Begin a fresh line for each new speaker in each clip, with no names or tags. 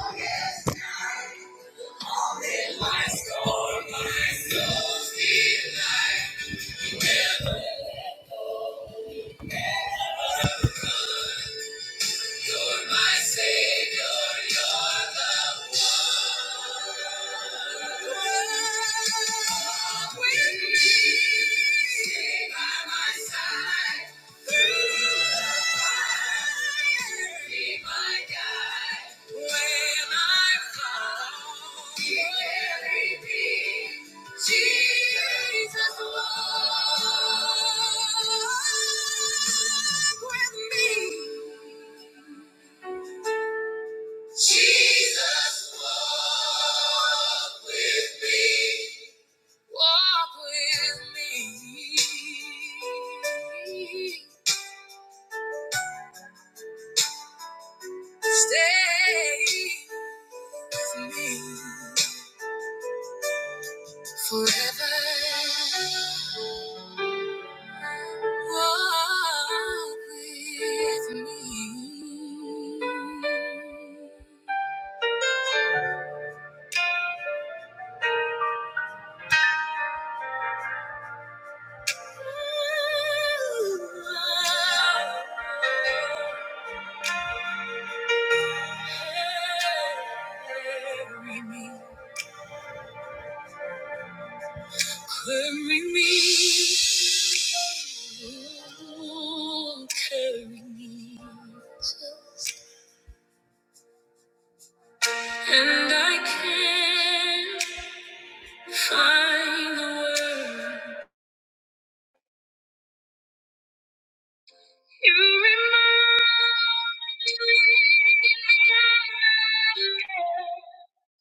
Stay by my side. Jesus, walk with me. Walk with me. Stay for me forever. Walk with me. Carry me. Carry me. ooh, Carry me. And I can't. Find the word. You remind me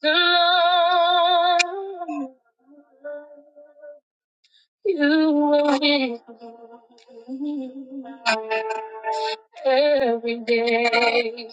the love you were in every day.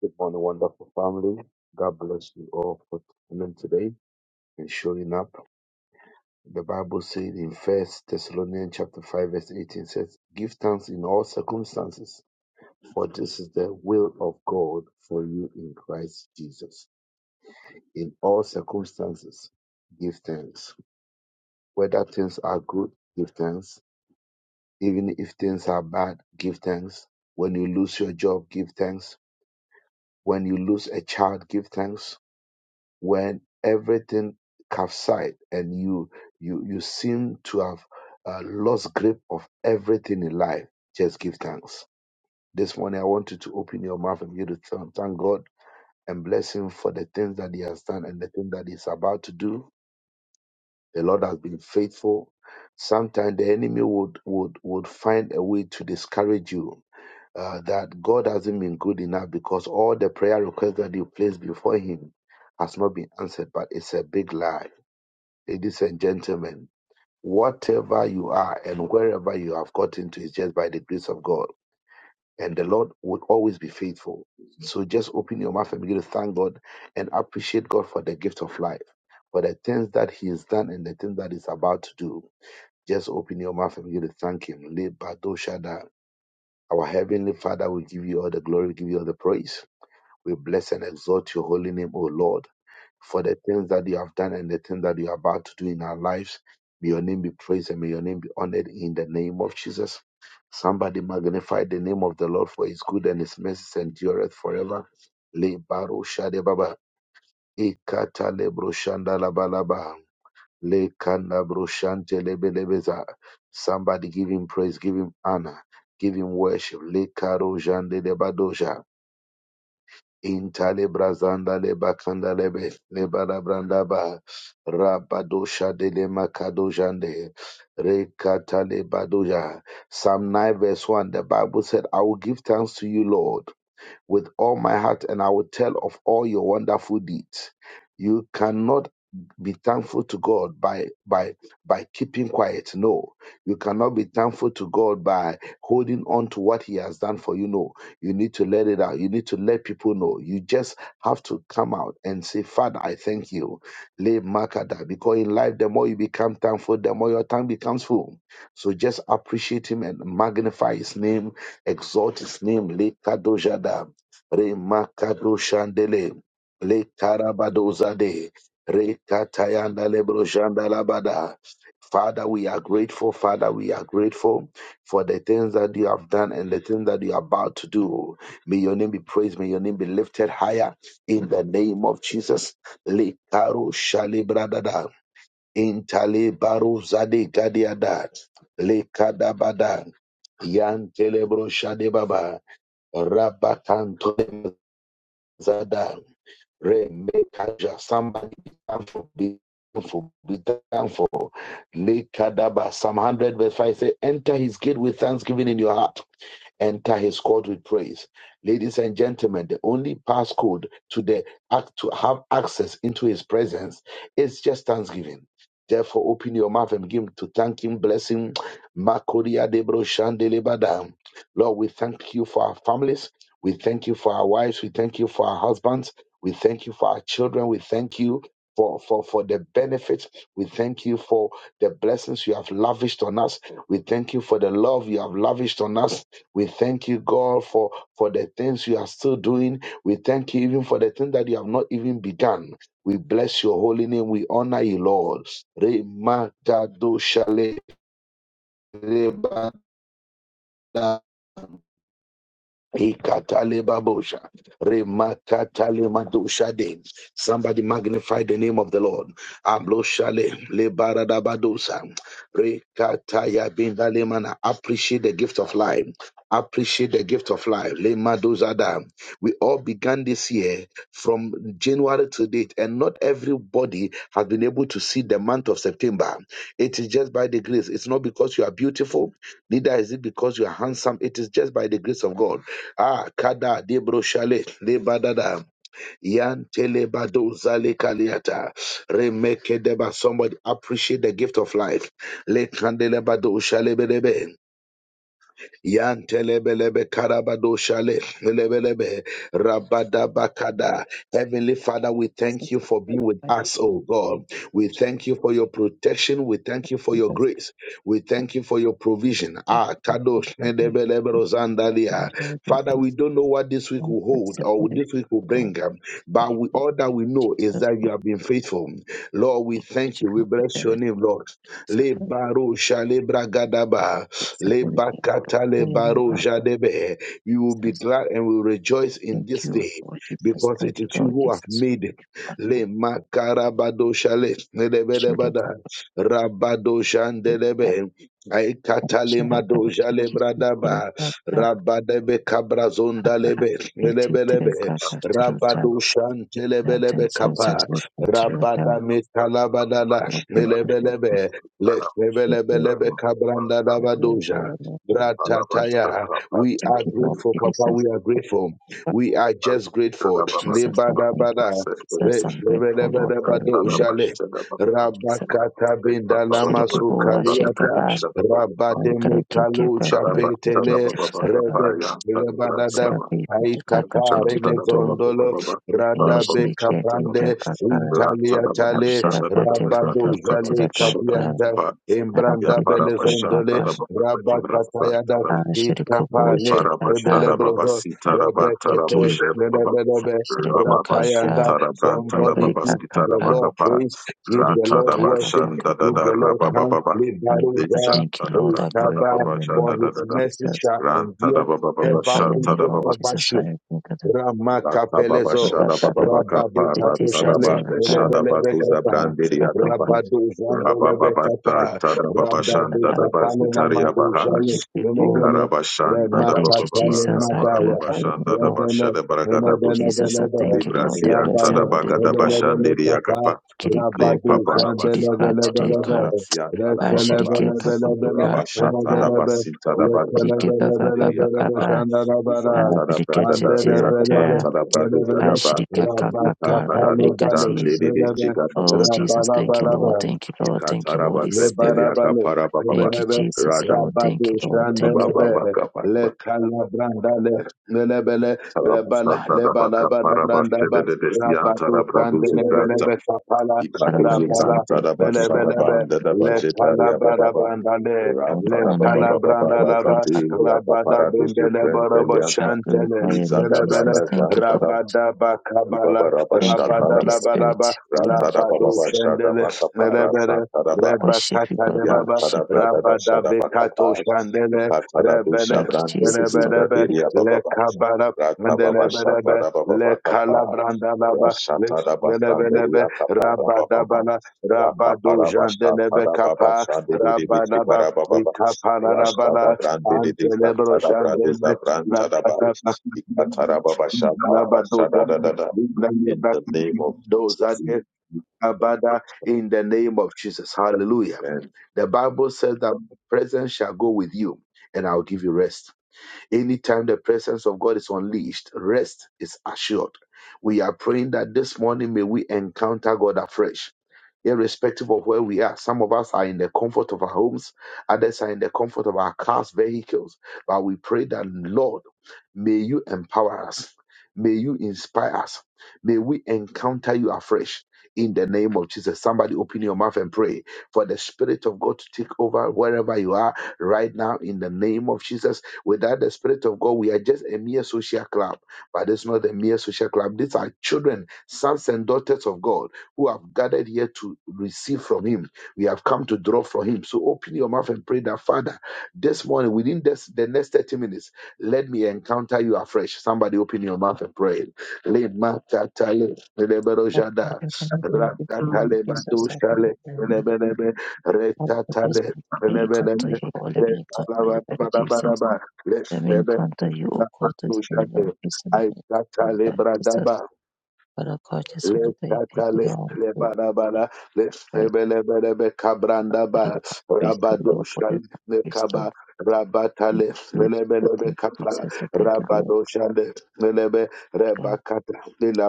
Good morning, wonderful family. God bless you all for tuning in today and showing up. The Bible said in First Thessalonians chapter five verse eighteen says, "Give thanks in all circumstances, for this is the will of God for you in Christ Jesus." In all circumstances, give thanks. Whether things are good, give thanks. Even if things are bad, give thanks. When you lose your job, give thanks. When you lose a child, give thanks when everything capsized and you you you seem to have uh, lost grip of everything in life just give thanks this morning i want you to open your mouth and begin to thank thank god and bless him for the things that he has done and the thing that he's about to do the lord has been faithful sometimes the enemy would would would find a way to discourage you uh, that god hasn't been good enough because all the prayer requests that you placed before him has not been answered but it's a big lie ladies and gentlemen, whatever you are and wherever you have gotten to is just by the grace of God. And the Lord would always be faithful. So just open your mouth and begin to thank God and appreciate God for the gift of life, for the things that He has done and the things that He's about to do. Just open your mouth and begin to thank Him. Lebadoshada. Our Heavenly Father, we give you all the glory, we give you all the praise. We bless and exalt your holy name, O Lord for the things that you have done and the things that you are about to do in our lives. May your name be praised and may your name be honored in the name of Jesus. Somebody magnify the name of the Lord for his good and his mercy endureth forever. Le baro shade baba. Ikata le bro shanda la ba la ba. Le kanda bro shante le be le be za. Somebody give him praise, give him honor, give him worship. Le karo jande de badoja. Intale brazanda le bakanda lebe le bara branda ba rabadosha de le makado jande rekata le badoja. Psalm 9 verse 1 the Bible said, I will give thanks to you, Lord with all my heart and I will tell of all your wonderful deeds. You cannot be thankful to God by by by keeping quiet. No, you cannot be thankful to God by holding on to what He has done for you. No, you need to let it out. You need to let people know. You just have to come out and say, Father, I thank you. Le makada. Because in life, the more you become thankful, the more your tongue becomes full. So just appreciate Him and magnify His name, exalt His name. Le kadojada. Remakadoshandele, Le Karabadozade, Rekatayanda Lebroshanda Labada. Father, we are grateful. Father, we are grateful for the things that you have done and the things that you are about to do. May your name be praised. May your name be lifted higher in the name of Jesus. Le Karo Shalibradada, Intale Baro Zade Gadiada, Le Kadabada, Yan Telebro Shadebaba, Rabakantole Zada, Re, Mekaja, somebody be thankful, be thankful, be thankful. Lekadaba, Psalm 100 verse 5 say, enter his gate with thanksgiving in your heart enter his court with praise. Ladies and gentlemen, the only passcode to the act to have access into his presence is just thanksgiving. Therefore, open your mouth and give Him to thank him, bless him. Makoria debro shandelebada. Lord, we thank you for our families. We thank you for our wives. We thank you for our husbands. We thank you for our children. We thank you for, for, for the benefits. We thank you for the blessings you have lavished on us. We thank you for the love you have lavished on us. We thank you, God, for, for the things you are still doing. We thank you even for the things that you have not even begun. We bless your holy name. We honor you, Lord. Remakado shale Ikatalebabosha, remakatalemadosha. Somebody magnify the name of the Lord. Abloshale, lebaradabadosa, rekatayabendalemana. Appreciate the gift of life. Appreciate the gift of life. Lemadozada. We all began this year from January to date, and not everybody has been able to see the month of September. It is just by the grace. It's not because you are beautiful, neither is it because you are handsome. It is just by the grace of God. Ah, kada debroshale lebadada yan telebado zale kaliata remeke deba. Somebody appreciate the gift of life. Le kandelebado shale bedebe. Yantelebelebe karabado shale lebelebe rabadabakada. Heavenly Father, we thank
Jesus
you for
Christ,
being with
by the
us, oh God. We thank you for your protection. We thank you for your
Jesus Christ,
grace. We thank you for your provision.
the
Ah,
wisdom of
kadosh
the
lebelebe
Lord,
rozandalia.
and Lord
Father, we
Jesus,
don't know what this week
God
will
bless
hold
you
or
for
what
it.
this week will
Lord,
bring, um,
by the
but we,
name of
all that we know
Jesus,
is that you
Lord,
have been faithful. Lord, we thank
which you
you. We
hope that
bless
there
your
is
name, Lord.
Jesus,
Le
Lord,
baro shale bragadaba.
bless you for it.
Lebakata
By the name
lebaro
of
jadebe. We will be
Jesus,
glad and we will rejoice in
thank
this
you,
day
Lord Jesus,
because
thank
it
you,
is you
Lord
who have
Jesus,
made it.
for the Lord,
Le
you know,
makarabado shale
share your God
lebedebada
with
rabado
me.
shandelebe. Ay katale
Share our God
madoja
with
le
Jesus, for the
bradaba
God that
rabadebe
I
kabrazonda
have.
lebe
It is to the
lebelebe
God
Shanta
after all time,
rabado
that
shantelebelebe
is, Lord, so
kapa
bless me to the
rabada
God.
metalabadala
Lord, thank you,
lebelebe
Jesus. give you
Lefebelebelebe
praise.
kabranda
I glorify
davadoja.
your name, Lord Jesus.
Bratataya. We
Thank
are
you, Lord
grateful, Papa.
Jesus.
We are grateful.
Lord
We are just grateful.
Jesus, I thank you,
Lebadabada.
Lord Jesus. I'm grateful, Lord, for everything you
Lefebelebelebadoja le.
Lord Jesus.
Rabakata bindalama
Shirikubu,
sukaliata.
Ashikaba, and
Rabademe
Karaki, Kyoka,
kalosha
Kuroku,
petele.
Kisaka,
Rebe. Lebadada.
Saraki, Kika,
Aitapare
Katskatudu,
nezondolo. Radabe
Shirika, Kika,
kaprande. Intaliatale.
Sharaka,
Rabado
Telutu,
Jale
Kitidata,
Kapianda,
Ya
Embranda
Aratiri, Kika,
parabashata
Belezondole,
Kaka,
da
Rabakatayada,
Shirikubu,
le
Ikapane,
Shirikaka,
parabashata
Ebelebrozo,
babasita rabanta
Rebekete,
Kiki,
rabushe baba
Lebelebe,
Shirikuka,
Rapayanda.
rababashita rabanta
Somebody
Ebelika
give
rababasita
the
kaka,
Lord
rabakapa
praise, give the
Siriki
rata
Lord
da
kaka
worship,
kaka
bashanda da
give
da
the Lord
kaka.
thanks,
rabababa
Father
le
God, I
Libaruza,
thank
shanta
you,
da
Lord. I
branta da
Oitaba,
glorify your name,
for
babashata da
his
Lord
da da
message
Jesus.
shall
ranta da
endure ever
Glorify your
bababashata
name,
da
faithful,
Lord
baba
ever
Jesus.
sure.
I thank
rata
you,
Ramakapelezo,
babashata bababakapa
Jesus.
rata da
Rababekatoshale,
ba le shada batuza
Lebelebekapa,
brandiri
Rabado
Rabababasa,
Zambelebekapa,
Tadababashan,
Rababekapale
Dadabasitaria
As
Namakoshale,
you did
Bahas,
before,
Lebele,
Ikarabashan,
I thank you,
Dadabababa,
Remakatale
Jesus. I
Madaya,
glorify your
Kaparababashan,
name, Lord.
Rebele,
Dadabashada
Oh,
Baragadabus,
Jesus, I
Lebelebelebe,
thank you, Lord. I
Librasia,
bless your
Rabale,
holy name, Lord.
Tadabakadabashan,
Lebelebekapa,
Diriakapa, Le
Kiriko,
Rabado
Baba,
Paparabashan,
Tidika,
Dadada,
Tidika,
Zandelebelebelebe,
Gapsia, Tadabababa,
Ashirike,
Lekelebelebelebe,
Papa,
Rabashata,
Papa,
Lebelebe,
Dabasita, Dabashan,
Abdike baba baba
Lekelebelebelebe,
Diriakapa,
baba.
Shandarabara,
Isantada,
Abdike
and the
Bradada, Rizakaban,
titira.
Rebelebe,
Tadabadu,
Rebele,
Zadaba,
Ashirika
Rabba
Rada
kakaka.
Sapale
Abdike
Bale,
tis.
Rebele,
Oh Jesus, thank you, Lord.
Rabba
Thank you, Lord. Thank you, Holy Spirit.
Lebarabale,
Thank you,
Rebelebe,
Jesus, Lord. Thank
Rabado
you, Lord. Thank you, Lord.
Shandelebe, Le Calabrandale, Lelebele, Rebala, Lebalabana Grandaba, Rabado Shandelebe, Kapala,
Arabaya sana
Rabala,
thank you, Lord. Lord,
Lelebelebe, Le Calabara Brandale,
I want to
Le
honor you for what you
Calabrandalava,
are.
Rabada Bindelebarabo Shantele,
glorify your
Iza da
Jesus.
Lelebele,
brada
Thank
da
you,
da
Lord.
da,
Rabada
iba
Bakabala,
bara
Thank
bashta
you,
da
Rabada
Holy
da
Labaraba,
Spirit. Thank you,
Labado
Ratarababa
Jesus.
Shadabakapa Rasa
Shandele,
I
Tarabai
worship you, Lord.
Rebekatane
I
Yan
baba,
worship you, Lord.
Tadabragada
Rabada bekato
Shadabakapa
shandele,
Patadadu
rebele,
Thank you,
Shabrandu
Jesus, Lord.
rebelebe,
Zadiria
le
Bababa
kabara,
Ratababa
rebelebe, le
Shatarababa Kapa
kalabranda laba, le rebelebe,
Rashatadabasanderia Kapa
rabada
Rababama
bala, rabado
Rapaparaba
jandelebe
Shatarababa
kapa,
Shadiri
rabada ba,
Karababa
le kapara
Rashtada
rabala,
Brandidi
antelebro
Tadabradu
jandele,
Zabran Tadabai
rabada ba,
Ikatarababa
rabado,
Shadabashadadada in the name of Jesus.
dozade, Abada, in the name of Jesus. Hallelujah.
Amen.
The Bible says that presence shall go with you and I'll give you rest. Anytime the presence of God is unleashed, rest is assured. We are praying that this morning may we encounter God afresh. Irrespective of where we are, some of us are in the comfort of our homes, others are in the comfort of our cars, vehicles. But we pray that, Lord, May you empower us. May you inspire us. May we encounter you afresh in the name of Jesus. Somebody open your mouth and pray for the Spirit of God to take over wherever you are right now in the name of Jesus. Without the Spirit of God, we are just a mere social club, but it's not a mere social club. These are children, sons and daughters of God who have gathered here to receive from Him. We have come to draw from Him. So open your mouth and pray that, Father, this morning, within this, the next 30 minutes, let me encounter you afresh. Somebody open your mouth and pray. Le makatale, lebero
But God
jada,
has only very good below
rakatale
Jesus.
batu
I give it
shale,
very much.
lebelebe,
All of this
retatale,
may me encounter
lebelebe,
you, or let me encounter you, Daddy Jesus.
letabarabarabarabar,
Let me
lebelebe,
encounter you, O God,
rakatu
this may
shale,
Lord be sent me encounter you,
aitatale
Daddy Jesus.
bradaba,
But I God just want to say thank you,
Lekatale
the Holy Spirit,
lebarabara
right?
lesebelebelebe
For
kabrandaba
your grace, Lord, your
rabadosha
body, grace, Lord.
lekaba
Thank
rabatale
you, Jesus.
lebelebe
Thank you,
kapa
Jesus. I thank you, Lord
rabadosha lebe
God.
rebakata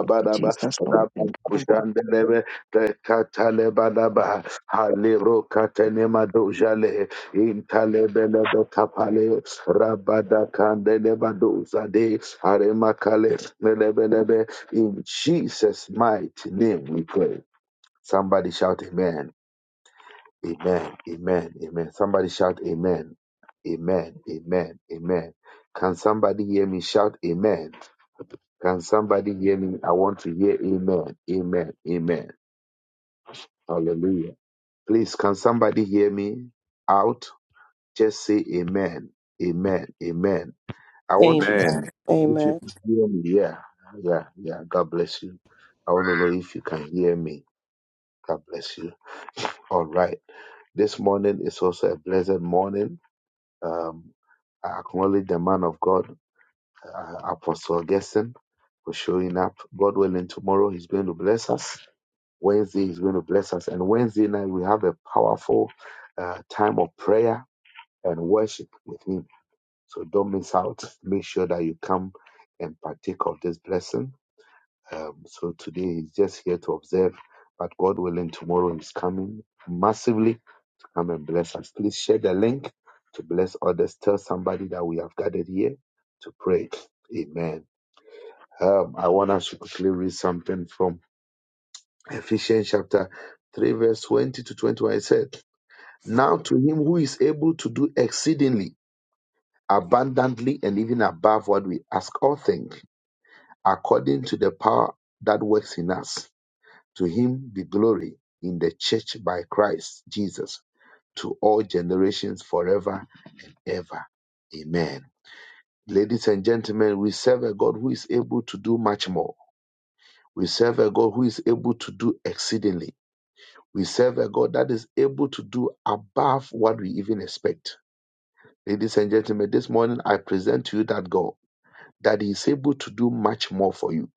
Thank you, Jesus, Lord. Thank you, Lord. Thank you, Lord.
rabadoshandelebe rekatale badaba haliro katenema dojale intalebelebe kapale rakanu zade akale lebelebe in Jesus mighty name we pray Somebody shout amen. Amen. Amen. Amen. Somebody shout amen. Amen. Amen. Amen. Can somebody hear me shout amen? Can somebody hear me? I want to hear amen. Amen. Amen. Hallelujah. Please, can somebody hear me out? Just say amen. Amen. Amen. I want
Amen.
to
Amen.
if you
Amen.
can hear me. Yeah. Yeah. Yeah. God bless you. I want to know if you can hear me. God bless you. All right. This morning is also a blessed morning. Um, I acknowledge the man of God, uh, Apostle Gerson, for showing up. God willing, tomorrow he's going to bless us. Wednesday he's going to bless us. And Wednesday night we have a powerful uh, time of prayer and worship with him. So don't miss out. Make sure that you come and partake of this blessing. Um, so today he's just here to observe, but God willing, tomorrow he's coming massively Come and bless us. Please share the link to bless others. Tell somebody that we have gathered here to pray. Amen. Um, I want us to quickly read something from Ephesians chapter 3, verse 20 to 21. It said, Now to him who is able to do exceedingly abundantly and even above what we ask or think, according to the power that works in us, to him be glory in the church by Christ Jesus to all generations forever, and ever. Amen. Ladies and gentlemen, we serve a God who is able to do much more. We serve a God who is able to do exceedingly. We serve a God that is able to do above what we even expect. Ladies and gentlemen, this morning I present to you that God, that He is able to do much more for you.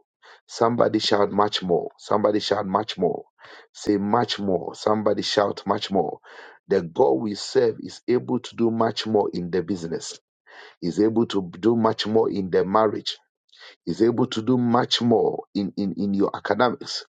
Somebody shout much more. Somebody shout much more. Say much more. Somebody shout much more. The God we serve is able to do much more in the business. Is able to do much more in the marriage is able to do much more in, in, in your academics.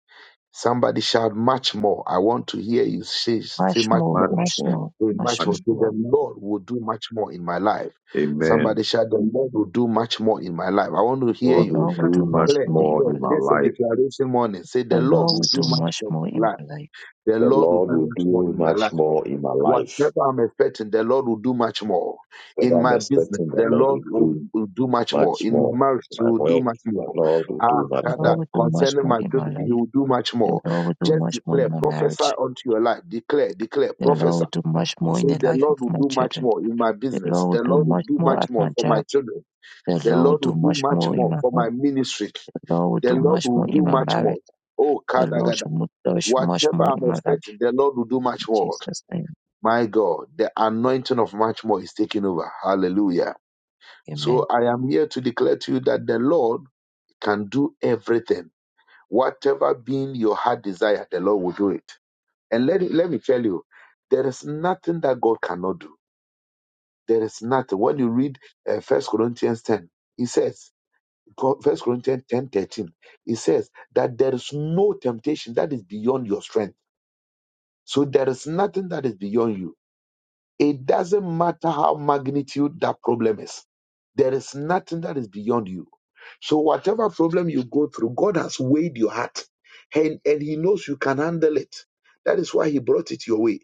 Somebody shout much more. I want to hear you say, say
Much
much
more,
more.
Much
much
more.
more,
Say
much
much more.
more.
Much
Say, The
more.
Lord will do much more in my life. Somebody
Amen.
shout, the Lord will do much more in my life. I want to hear
The
God
you.
will
Lord will
do
do much
much
Declare,
more in
more
my
declare.
in
life.
my
This is a
life.
declaration morning. Say,
The
the Lord
Lord
will
will
do
do
much
much
more
more
in
in
my
my
life.
life.
The
The
Lord will do
Lord will
much more
do
in my life.
much more in my life.
Whatever I'm expecting, the Lord will do much more. In
Whatever I'm
my business,
expecting, the
the
Lord
Lord
will
will,
do
will do much more.
much
In my
more.
marriage,
in
He
My
will do
work,
much
the
more.
Lord will
Ah,
do much
The
more.
Father,
Lord will do much
concerning
more
my
in my
children, He
life.
will do much
The
more.
Lord will do
Just
much more in
declare,
my
prophesy
marriage.
unto your life. Declare, declare,
The Lord
prophesy.
will do much more in
Say,
the
the
life of
Lord will
my
do much
children.
more in my
The
business.
Lord
The
will do
Lord will
much
do
more
much
at
more
my
for my
job.
children.
The
The
Lord
Lord
will do
will do
much
much
more in
more
my
for my
home.
ministry.
The Lord
The
will do
Lord
much
will
more
do
in my
much more.
marriage.
Oh,
The Lord
Kadagada.
shall mo- do much
Whatever
more
I'm
in my life.
expecting, the Lord will do
In
much more.
Jesus' name,
My God, the anointing of much more is taking over. Hallelujah. So
amen.
I am here to declare to you that the Lord can do everything. Whatever being your heart desire, the Lord will do it. And let, let me tell you, there is nothing that God cannot do. There is nothing. When you read uh, 1 Corinthians 10, he says, First Corinthians 10 13. he says that there is no temptation that is beyond your strength. So there is nothing that is beyond you. It doesn't matter how magnitude that problem is. There is nothing that is beyond you. So whatever problem you go through, God has weighed your heart and, and He knows you can handle it. That is why He brought it your way.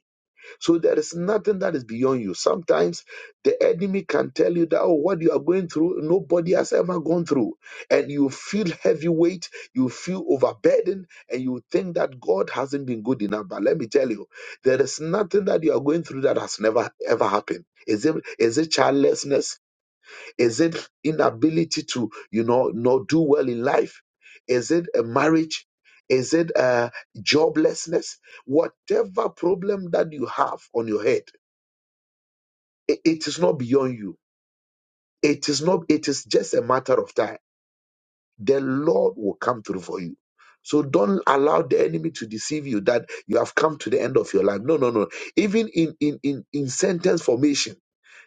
So there is nothing that is beyond you. Sometimes the enemy can tell you that, oh, what you are going through, nobody has ever gone through. And you feel heavy weight, you feel overburdened, and you think that God hasn't been good enough. But let me tell you, there is nothing that you are going through that has never ever happened. Is it is it childlessness? Is it inability to, you know, not do well in life? Is it a marriage? Is it uh, joblessness? Whatever problem that you have on your head, i- it is not beyond you. It is not. It is just a matter of time. The Lord will come through for you. So don't allow the enemy to deceive you that you have come to the end of your life. No, no, no. Even in in in, in sentence formation.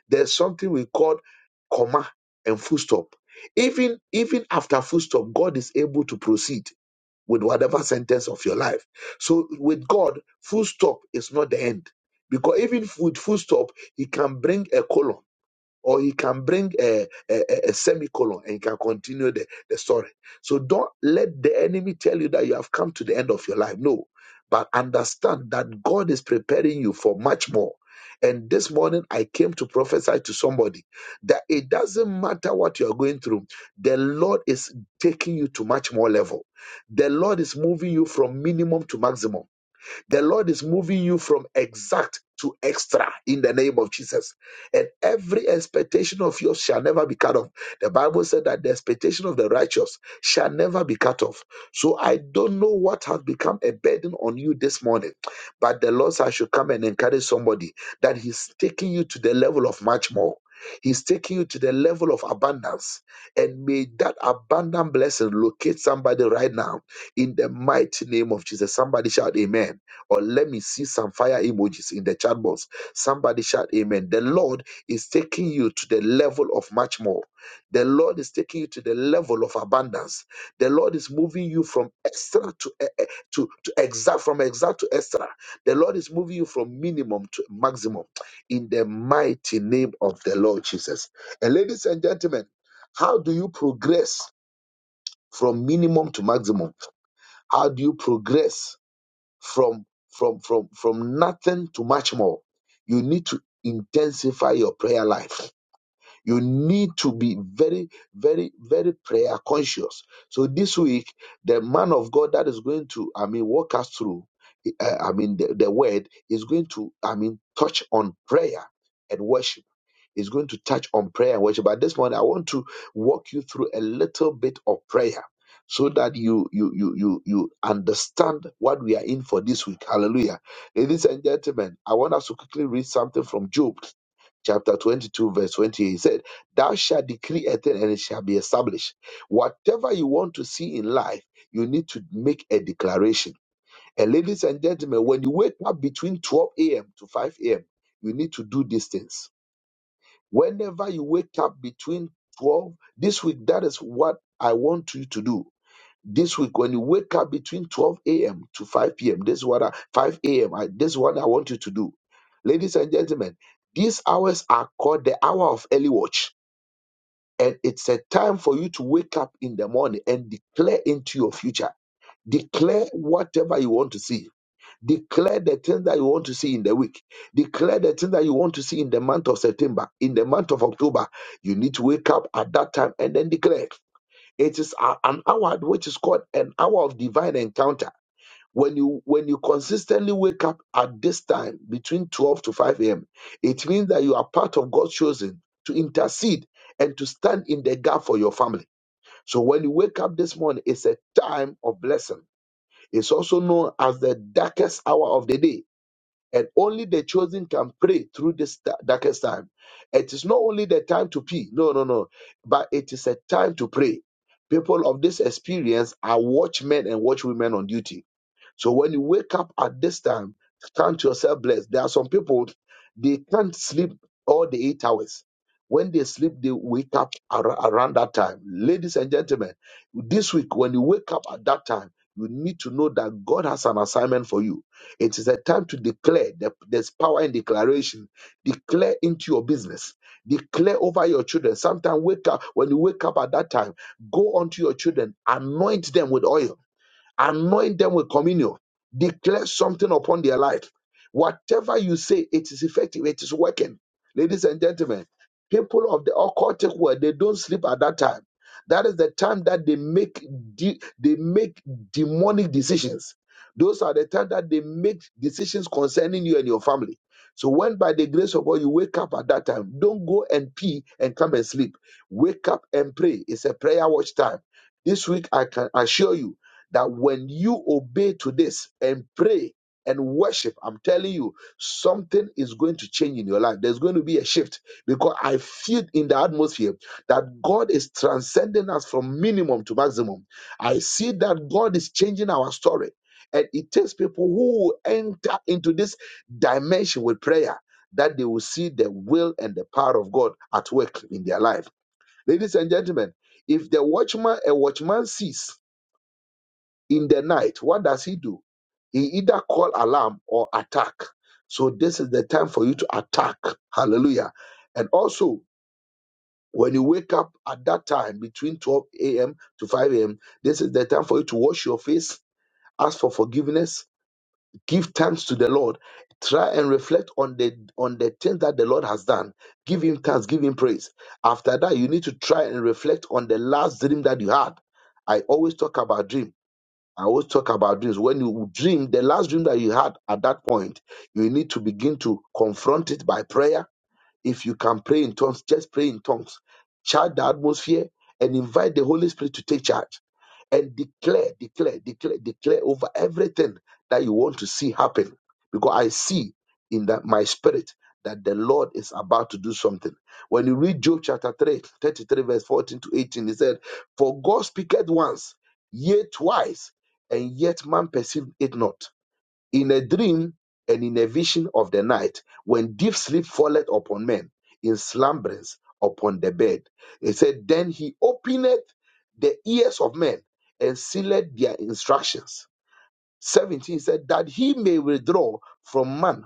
There's something we call comma and full stop. Even even after full stop, God is able to proceed with whatever sentence of your life. So with God, full stop is not the end. Because even with full stop, he can bring a colon or he can bring a, a, a- semicolon and he can continue the, the story. So don't let the enemy tell you that you have come to the end of your life. No, but understand that God is preparing you for much more. And this morning, I came to prophesy to somebody that it doesn't matter what you are going through, the Lord is taking you to much more level. The Lord is moving you from minimum to maximum. The Lord is moving you from exact to extra in the name of Jesus. And every expectation of yours shall never be cut off. The Bible said that the expectation of the righteous shall never be cut off. So I don't know what has become a burden on you this morning, but the Lord said I should come and encourage somebody that He's taking you to the level of much more. He's taking you to the level of abundance. And may that abundant blessing locate somebody right now in the mighty name of Jesus. Somebody shout, Amen or let me see some fire emojis in the chat box. Somebody shout amen. The Lord is taking you to the level of much more. The Lord is taking you to the level of abundance. The Lord is moving you from extra to eh, eh, to, to exact, from exact to extra. The Lord is moving you from minimum to maximum in the mighty name of the Lord Jesus. And ladies and gentlemen, how do you progress from minimum to maximum? How do you progress from from from from nothing to much more you need to intensify your prayer life you need to be very very very prayer conscious so this week the man of god that is going to i mean walk us through uh, i mean the, the word is going to i mean touch on prayer and worship is going to touch on prayer and worship. But this morning, I want to walk you through a little bit of prayer so that you you you you you understand what we are in for this week. Hallelujah. Ladies and gentlemen, I want us to quickly read something from Job chapter 22, verse 28. He said, Thou shalt decree a thing and it shall be established. Whatever you want to see in life, you need to make a declaration. And ladies and gentlemen, when you wake up between 12 a.m. to 5 a.m., you need to do these things Whenever you wake up between 12, this week, that is what I want you to do. This week, when you wake up between 12 a.m. to 5 p.m., this is what I, 5 a.m., this is what I want you to do. Ladies and gentlemen, these hours are called the hour of early watch. And it's a time for you to wake up in the morning and declare into your future. Declare whatever you want to see Declare the things that you want to see in the week. Declare the things that you want to see in the month of September, in the month of October. You need to wake up at that time and then declare. It is a- an hour which is called an hour of divine encounter. When you when you consistently wake up at this time between 12 to 5 a.m., it means that you are part of God's chosen to intercede and to stand in the gap for your family. So when you wake up this morning, it's a time of blessing. It's also known as the darkest hour of the day and only the chosen can pray through this da- darkest time. It is not only the time to pee, no, no, no, but it is a time to pray. People of this experience are watchmen and watchwomen on duty so when you wake up at this time, count yourself blessed. There are some people they can't sleep all the eight hours. When they sleep, they wake up ar- around that time. Ladies and gentlemen, this week when you wake up at that time, you need to know that God has an assignment for you. It is a time to declare. There- There's power in declaration. Declare into your business. Declare over your children. Sometimes wake up when you wake up at that time. Go onto your children. Anoint them with oil anoint them with communion, declare something upon their life. Whatever you say, it is effective, it is working. Ladies and gentlemen, people of the occultic world, they don't sleep at that time. That is the time that they make de- they make demonic decisions. Those are the time that they make decisions concerning you and your family. So when by the grace of God you wake up at that time, don't go and pee and come and sleep. Wake up and pray. It's a prayer watch time. This week I can assure you that when you obey to this and pray and worship, I'm telling you, something is going to change in your life. There's going to be a shift because I feel in the atmosphere that God is transcending us from minimum to maximum. I see that God is changing our story. And it takes people who enter into this dimension with prayer that they will see the will and the power of God at work in their life. Ladies and gentlemen, if the watchman, a watchman sees in the night, what does he do? He either call alarm or attack. So this is the time for you to attack. Hallelujah. And also, when you wake up at that time between 12 a.m. to 5 a.m., this is the time for you to wash your face, ask for forgiveness, give thanks to the Lord, try and reflect on the on the things that the Lord has done. Give him thanks, give him praise. After that, you need to try and reflect on the last dream that you had. I always talk about dream I always talk about dreams. When you dream, the last dream that you had at that point, you need to begin to confront it by prayer. If you can pray in tongues, just pray in tongues. Charge the atmosphere and invite the Holy Spirit to take charge and declare, declare, declare, declare over everything that you want to see happen. Because I see in that my spirit that the Lord is about to do something. When you read Job chapter 3, 33 verse 14 to 18, he said, For God speaketh once, yea twice, and yet man perceived it not in a dream and in a vision of the night, when deep sleep falleth upon men, in slumberings upon the bed. He said, Then he openeth the ears of men and sealeth their instructions. 17 said that he may withdraw from man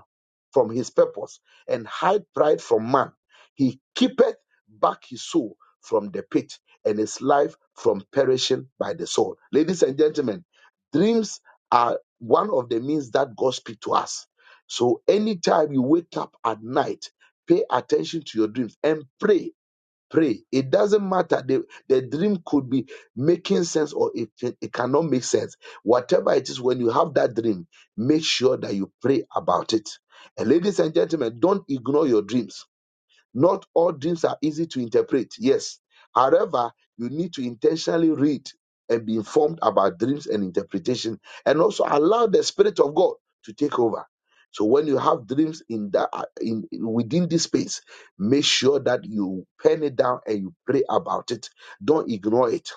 from his purpose and hide pride from man he keepeth back his soul from the pit and his life from perishing by the sword ladies and gentlemen dreams are one of the means that god speaks to us so anytime you wake up at night pay attention to your dreams and pray Pray. It doesn't matter. The, the dream could be making sense or it, it cannot make sense. Whatever it is, when you have that dream, make sure that you pray about it. And ladies and gentlemen, don't ignore your dreams not all dreams are easy to interpret, yes. However, you need to intentionally read and be informed about dreams and interpretation, and also allow the Spirit of God to take over. So when you have dreams in that uh, in within this space, make sure that you pen it down and you pray about it. Don't ignore it.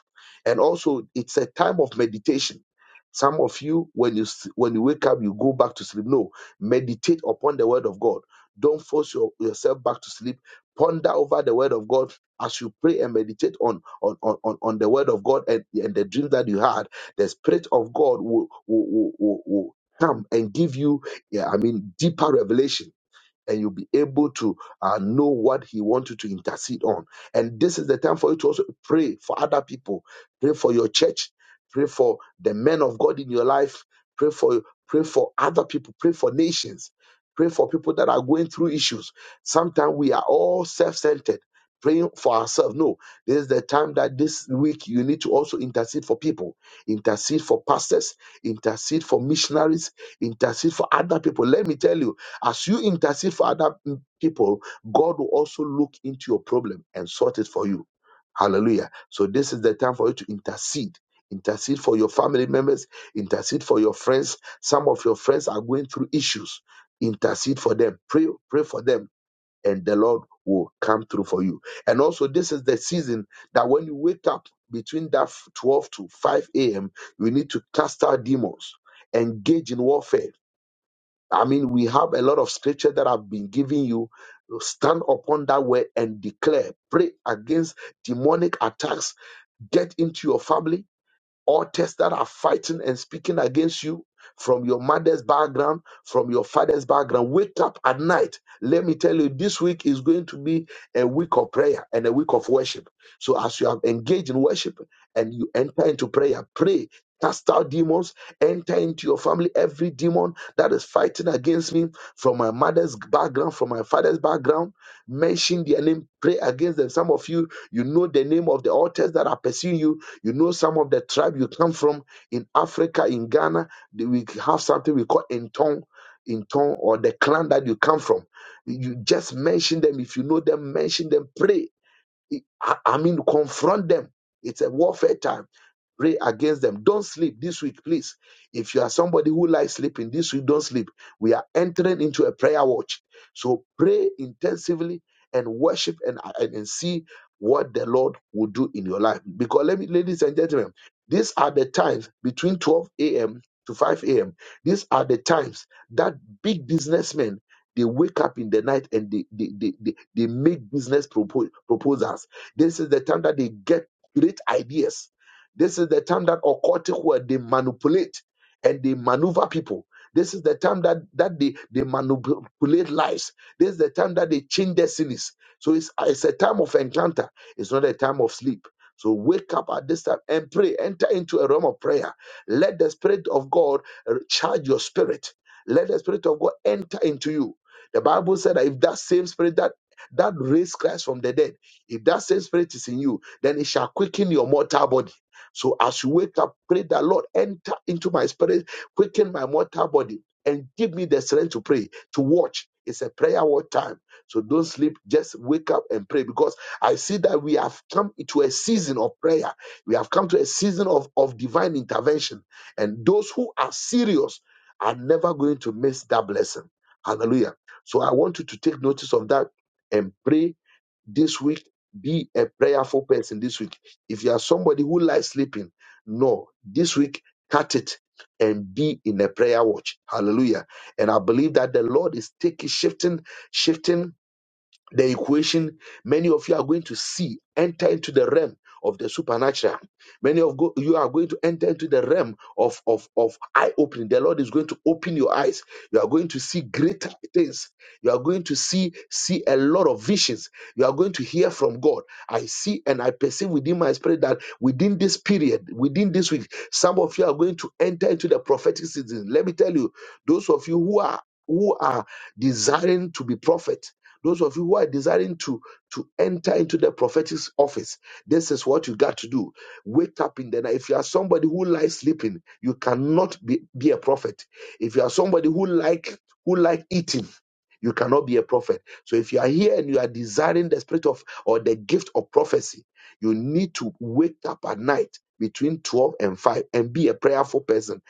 And also, it's a time of meditation. Some of you, when you s- when you wake up, you go back to sleep. No, meditate upon the Word of God. Don't force your, yourself back to sleep ponder over the word of God as you pray and meditate on on, on, on on the word of God and, and the dream that you had, the spirit of God will, will, will, will, will come and give you, yeah, I mean, deeper revelation and you'll be able to uh, know what he wants you to intercede on. And this is the time for you to also pray for other people, pray for your church, pray for the men of God in your life, pray for pray for other people, pray for nations, pray for people that are going through issues. Sometimes we are all self-centered. Praying for ourselves. No, this is the time that this week you need to also intercede for people, intercede for pastors, intercede for missionaries, intercede for other people. Let me tell you, as you intercede for other mm, people, God will also look into your problem and sort it for you. Hallelujah. So this is the time for you to intercede. Intercede for your family members, intercede for your friends. Some of your friends are going through issues. Intercede for them. Pray, pray for them, and the Lord will come through for you. And also, this is the season that when you wake up between that 12 to 5 a.m., you need to cast out demons, engage in warfare I mean, we have a lot of scripture that I've been giving you. Stand upon that word and declare. Pray against demonic attacks. Get into your family altars that are fighting and speaking against you from your mother's background, from your father's background. Wake up at night. Let me tell you, this week is going to be a week of prayer and a week of worship. So, as you have engaged in worship and you enter into prayer, pray. Cast out demons, enter into your family. Every demon that is fighting against me from my mother's background, from my father's background, mention their name, pray against them. Some of you, you know the name of the altars that are pursuing you you know, some of the tribe you come from in Africa, in Ghana, they- we have something we call Entong, Entong, or the clan that you come from. You just mention them. If you know them, mention them. Pray. I I mean, confront them. It's a warfare time Pray against them. Don't sleep this week, please. If you are somebody who likes sleeping this week, don't sleep. We are entering into a prayer watch. So pray intensively and worship and, and, and see what the Lord will do in your life. Because let me, ladies and gentlemen, these are the times between 12 a.m. to 5 a.m. These are the times that big businessmen they wake up in the night and they they, they, they, they make business propo- proposals. This is the time that they get great ideas this is the time that occultic world they manipulate and they maneuver people. This is the time that that they, they manipulate lives. This is the time that they change destinies. So it's it's a time of encounter. It's not a time of sleep. So wake up at this time and pray. Enter into a realm of prayer. Let the spirit of God uh, charge your spirit. Let the spirit of God enter into you. The Bible said that if that same spirit that that raised Christ from the dead, if that same spirit is in you, then it shall quicken your mortal body so as you wake up, pray that Lord, enter into my spirit, quicken my mortal body, and give me the strength to pray, to watch. It's a prayer war time. So don't sleep, just wake up and pray because I see that we have come to a season of prayer. We have come to a season of, of divine intervention. And those who are serious are never going to miss that blessing. Hallelujah. So I want you to take notice of that and pray this week be a prayerful person this week if you are somebody who likes sleeping no this week cut it and be in a prayer watch hallelujah and i believe that the lord is taking shifting shifting the equation, many of you are going to see enter into the realm of the supernatural. Many of go- you are going to enter into the realm of, of, of eye opening. The Lord is going to open your eyes. You are going to see greater things. You are going to see see a lot of visions. You are going to hear from God. I see and I perceive within my spirit that within this period, within this week, some of you are going to enter into the prophetic season. Let me tell you, those of you who are who are desiring to be prophet those of you who are desiring to, to enter into the prophetic office, this is what you got to do. Wake up in the night. If you are somebody who lies sleeping, you cannot be, be a prophet. If you are somebody who like who like eating, you cannot be a prophet. So if you are here and you are desiring the spirit of or the gift of prophecy, you need to wake up at night between 12 and 5 and be a prayerful person.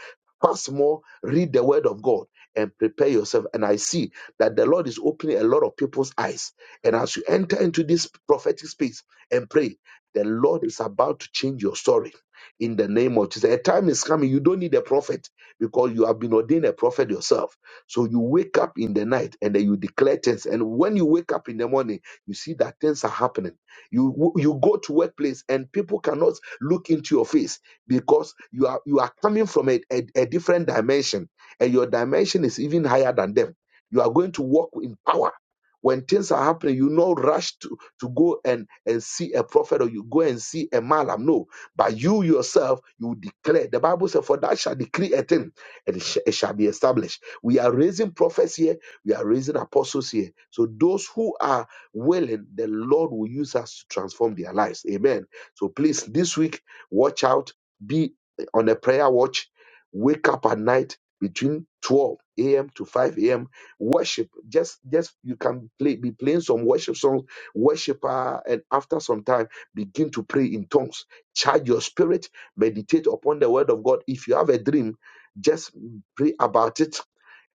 Fast more, read the word of God, and prepare yourself. And I see that the Lord is opening a lot of people's eyes. And as you enter into this prophetic space and pray, the Lord is about to change your story in the name of Jesus. A time is coming, you don't need a prophet because you have been ordained a prophet yourself. So you wake up in the night and then you declare things. And when you wake up in the morning, you see that things are happening. You you go to workplace and people cannot look into your face because you are you are coming from a, a a different dimension and your dimension is even higher than them you are going to walk in power. When things are happening, you not rush to, to go and, and see a prophet or you go and see a malam. No, but you yourself, you declare. The Bible says, For that shall decree a thing and it, sh- it shall be established. We are raising prophets here, we are raising apostles here. So those who are willing, the Lord will use us to transform their lives. Amen. So please, this week, watch out, be on a prayer watch, wake up at night between 12 a.m. to 5 a.m worship just just you can play be playing some worship songs worshiper and after some time begin to pray in tongues charge your spirit meditate upon the word of god if you have a dream just pray about it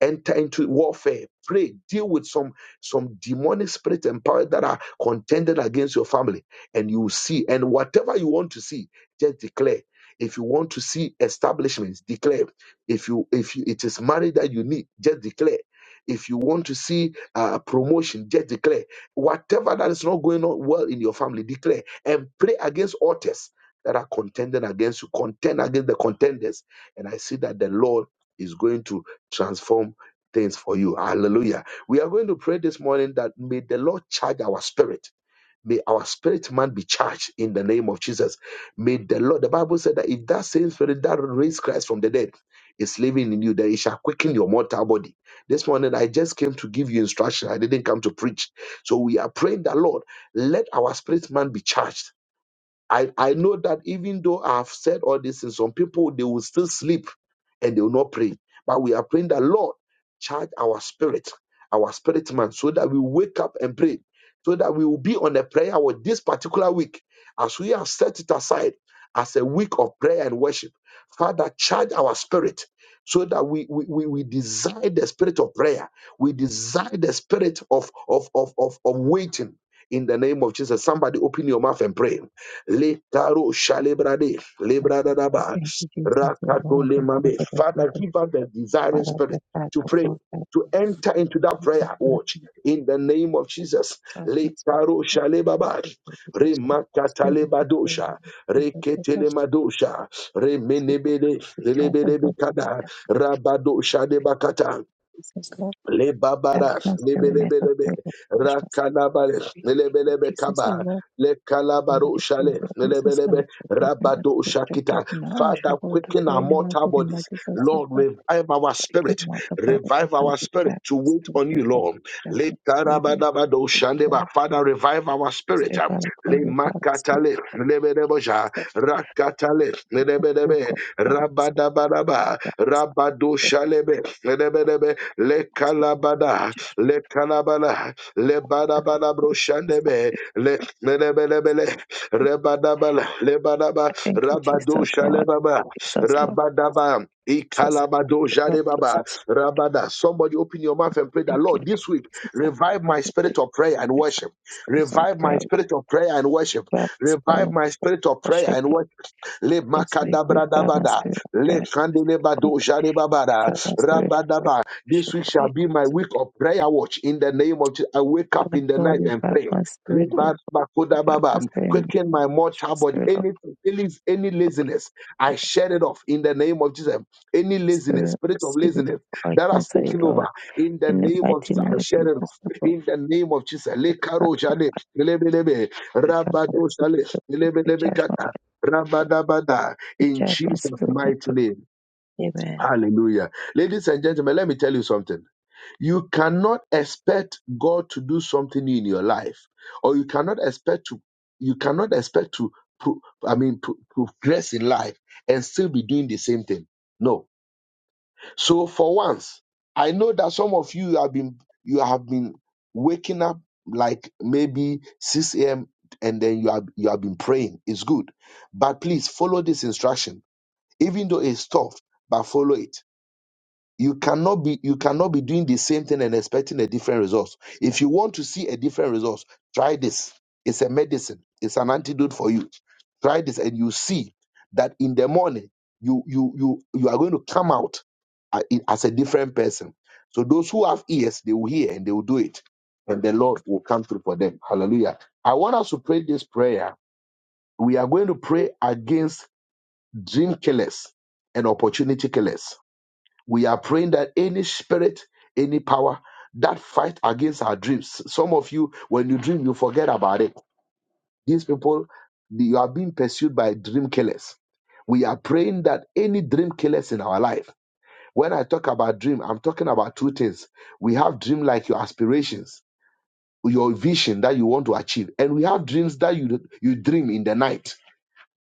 enter into warfare pray deal with some some demonic spirit and power that are contended against your family and you will see and whatever you want to see just declare if you want to see establishments declare if you if you, it is marriage that you need just declare if you want to see uh, promotion just declare whatever that is not going on well in your family declare and pray against altars that are contending against you contend against the contenders and i see that the lord is going to transform things for you. Hallelujah. We are going to pray this morning that may the Lord charge our spirit. May our spirit man be charged in the name of Jesus. May the Lord, the Bible said that if that same spirit that raised Christ from the dead is living in you, then it shall quicken your mortal body. This morning, I just came to give you instruction. I didn't come to preach. So we are praying that, Lord, let our spirit man be charged I, I know that even though I have said all this in some people, they will still sleep and they will not pray. But we are praying that Lord, charge our spirit, our spirit man, so that we wake up and pray, so that we will be on a prayer with this particular week, as we have set it aside as a week of prayer and worship. Father, charge our spirit so that we, we, we, we desire the spirit of prayer. We desire the spirit of, of, of, of, of waiting in the name of Jesus. Somebody open your mouth and pray. Lekaro shalebrade,
Okay. So
lebradadaba,
Thank you, Jesus, for the Lord,
rakato
the Father,
lemabe.
the
Father,
Jesus,
give us the desiring
Father, the
spirit
Father,
to
the
pray,
God, the
to enter into that
Jesus,
prayer
for
watch
the
in the name of Jesus. Lekaro
judgments.
shalebaba,
Jesus Lord,
remakatalebadosha, reketelemadosha, remenebele, lelebelebekada, rabadosha debakata.
dash
Lebabarash,
master remains the
lebelebelebe,
spirit of great love, dash master.
rakanabare,
Jesus the name of
lebelebe
Jesus, O
kaba,
Lord, Lord,
lekalabaru
if you
shale,
be Jesus the
lebelebe,
Lord, forgiven us,
rabado
spiritual given
shakita.
now, we
Father,
shall go to
quicken our
pray in a
mortal
mighty name of
bodies.
Jesus the
Lord,
Lord.
revive our
We can
spirit.
walk the body of
Revive our
God with
spirit
jack,
to
the
wait
spirit
on
of
you,
God,
Lord.
judgment, spirit of
Lekarabadabado
the
shandeba.
Lord,
Father, revive our spirit.
spirit of God, with power, spirit of
Lemakatale,
God,
lebeleboja,
Jesus,
rakatale,
and go
lebelebe,
God, from
rabadabaraba, rabado
us,
shalebe, lebelebe, le kalabada le kalabala le badabala broshandebe le lebelebele rebadabala le badaba
I thank you,
rabado
Jesus, Lord.
shalebaba
Jesus, Lord.
rabadaba
Jesus, I
ikalabado
thank you, Lord.
jalebaba
Jesus, I
rabada somebody open your mouth and pray that
thank you,
lord
Lord.
this week
Jesus, I thank
revive my
you.
spirit of prayer and
Jesus, I thank
worship
you. It's on
revive
prayer,
my
Lord.
spirit of prayer and
We
worship
grab this prayer
revive
of
my spirit of prayer
worship,
and worship
Lord.
le
This week, we grab our
makadabradabada
spirit of prayer
le
and worship, Lord. We
kandelebadozharebabara
grab our spirit of
rabadaba this
worship,
week shall
Lord.
be my
This
week
week,
of prayer watch in the name of Jesus. I wake up
Father
in the
God,
night
we
and
grab
pray
our spirit, Lord.
Lebar
We
bakoda
grab
baba.
our spirit,
quicken
Lord.
my mortal body
Spirit of God,
any any any laziness I shed it off in the name of Jesus any
The
laziness
Spirit, of
spirit of
Spirit of
laziness
God, I
that
can
has
say, it,
taken
Lord.
over in the
In the
name of
mighty
Jesus I
name of
shed it
Jesus,
off in the name of Jesus Le karo
Lord.
jale, lebe lebe,
We find out
Rabado jale. Lekarojale,
the
lebelebe, rabadosale,
the judgment
lebelebekata.
by the Lord,
Rabadabada,
the
in Jesus'
judgment spirit and
mighty name.
faith. Amen.
Hallelujah. Ladies and gentlemen, let me tell you something. You cannot expect God to do something in your life, or you cannot expect to, you cannot expect to, pro- I mean, pro- progress in life and still be doing the same thing. No. So for once, I know that some of you have been, you have been waking up like maybe 6 a.m. and then you have, you have been praying. It's good. But please follow this instruction even though it's tough, but follow it. You cannot be you cannot be doing the same thing and expecting a different result. If you want to see a different result, try this. It's a medicine. It's an antidote for you. Try this, and you see that in the morning you you you you are going to come out a- in- as a different person. So those who have ears, they will hear and they will do it, and the Lord will come through for them. Hallelujah! I want us to pray this prayer. We are going to pray against dream killers and opportunity killers. We are praying that any spirit, any power that fight against our dreams. Some of you, when you dream, you forget about it. These people, you are being pursued by dream killers. We are praying that any dream killers in our life. When I talk about dream, I'm talking about two things. We have dream like your aspirations, your vision that you want to achieve, and we have dreams that you you dream in the night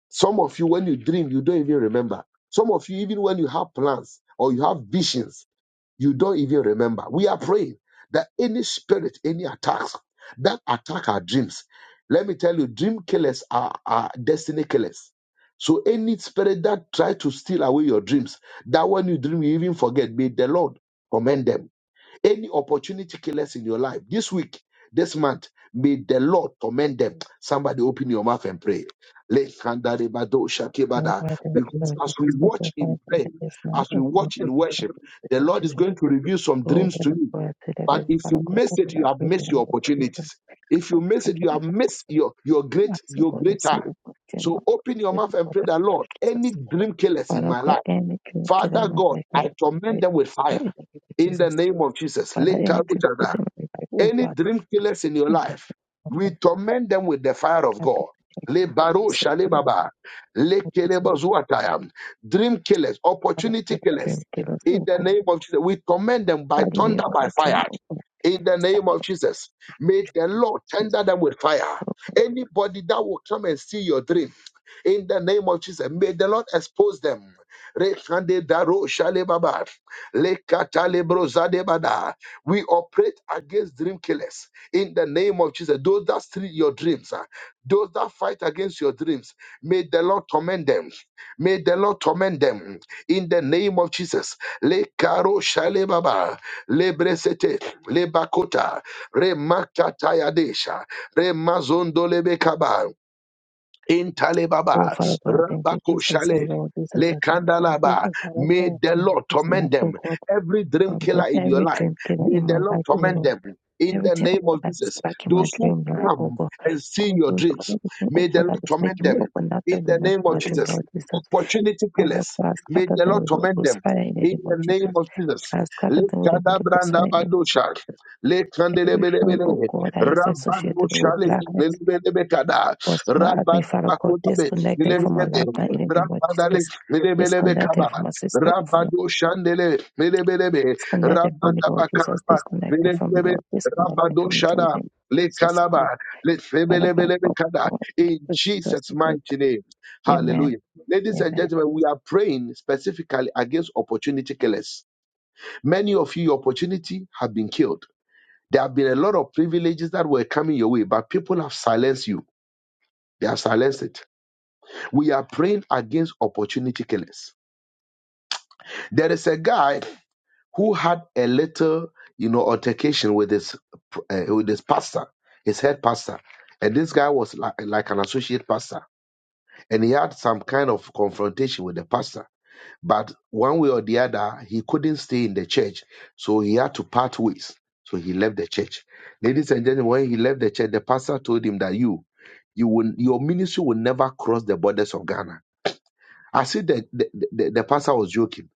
some of you, when you dream, you don't even remember. Some of you, even when you have plans or you have visions, you don't even remember. We are praying that any spirit, any attacks that attack our dreams, let me tell you, dream killers are, are destiny killers. So any spirit that try to steal away your dreams, that when you dream, you even forget, may the Lord commend them any opportunity killers in your life this week, this month, may the Lord torment them. Somebody open your mouth and pray. Lekandarebado
Oh
shakebada.
God, thank you,
Because
Lord
as we
Jesus. Lord, oh
watch in
Father,
prayer,
God, this man,
as we
oh God,
watch
to
in
you, thank
worship,
you,
the
Lord
Lord is
Jesus.
going to reveal some
Oh,
dreams to
very
you.
God, today,
But
that
if you
Father, God,
miss it,
open
you
up
have
the
missed
name
your
of Jesus.
opportunities. If you
Oh,
miss it,
God,
you
you
have missed
know,
your, your
I
great
ask you,
your
God, to
great
see,
time.
oh God, you know,
So open your
to
mouth
be
and
God,
pray
of
that Lord, any
Jesus.
dream killers in
Father,
my life.
God, any dream killer
Father
in my
God,
life, Father,
I
God,
torment
I
them with fire
destroy it, in the name of
in the
Jesus.
name of Jesus.
Father,
Little
any
which
dream
are there.
killer in my life, oh
Any
God,
dream killers in your
in the name
life,
of
we
Jesus.
torment them with the fire of God. Le baro shale baba, le keleba zuataya. Dream killers, opportunity killers.
dream killers,
In
Oh,
the
God.
name of Jesus, we torment them by
Body me
thunder,
on
by
my dream,
fire.
oh God.
In the name of Jesus, may the Lord
Silence.
tender them with fire. Anybody that will come and see your dream, in the name of Jesus, may the Lord expose them. Rekande daro shale baba, le katale brozade bada. We operate against dream killers in the name of Jesus. Those that steal your dreams, ah, those that fight against your dreams, may the Lord torment them. May the Lord torment them in the name of Jesus. Le karo shale baba, le bresete, le bakota, re makataya desha, re mazondo le bekaba.
Oh
Intalebaba,
Father God, I thank you,
Rabako
Jesus, oh
Shale,
Lord, Jesus, I thank you, Lord,
Lekandalaba.
Jesus, Father
May
God, I thank
the
you
Lord
this
torment
month, oh
them.
God,
Every dream
from that
killer in your
every
life,
dream killer
may
in
the
my
Lord
life, oh
torment
Lord,
them. In the
everything, oh
name
God,
of
that is
Jesus,
black in my
those who
dream life, oh
come
God,
and see
all
your
those,
dreams,
everything, oh
may the
God, that
Lord
is
torment
making me
them.
open up to
In the
remember
name
my
of
dream,
Jesus,
Lord, Jesus,
opportunity
Father
killers,
God,
may
scatter
the
them
Lord
with Holy
torment
Ghost
them.
fire in the
In
name of
the
Jesus.
name of Jesus,
As God of the Holy Spirit concerning
Lekadabrandabadosha,
everything, oh
Lekandelebelebele,
God, that is associated with
Rabadoshale,
black hearts,
Lelebelebekada.
was my admin, Father God,
Rabadabakotabe,
disconnect them from my
Milebelebe,
life now in the name of
Rabadale,
Jesus.
Milebelebe
Disconnect
Kaba,
them from my sister, from, my
Rabado Shandele, Milebelebe,
disconnect them from me, Lord Jesus.
Rabadabakaraba,
Disconnect them from me,
Milebelebe,
Lord. Disconnect them
Rabado
from me, Lord. In the
Shada,
name of
Le
Jesus, oh
Kalaba,
God.
Le
Father God,
Sebelebelebe
oh
Kada,
God,
in
oh Jesus,
Jesus'
oh God.
mighty name.
Amen.
Hallelujah. Ladies and
Amen.
gentlemen, we are praying specifically against opportunity killers. Many of you, your opportunity have been killed. There have been a lot of privileges that were coming your way, but people have silenced you. They have silenced it. We are praying against opportunity killers. There is a guy who had a little, you know, altercation with his uh, with his pastor, his head pastor, and this guy was like, like an associate pastor, and he had some kind of confrontation with the pastor. But one way or the other, he couldn't stay in the church, so he had to part ways. So he left the church. Ladies and gentlemen, when he left the church, the pastor told him that you, you will, your ministry will never cross the borders of Ghana I see that the, the, the the pastor was joking.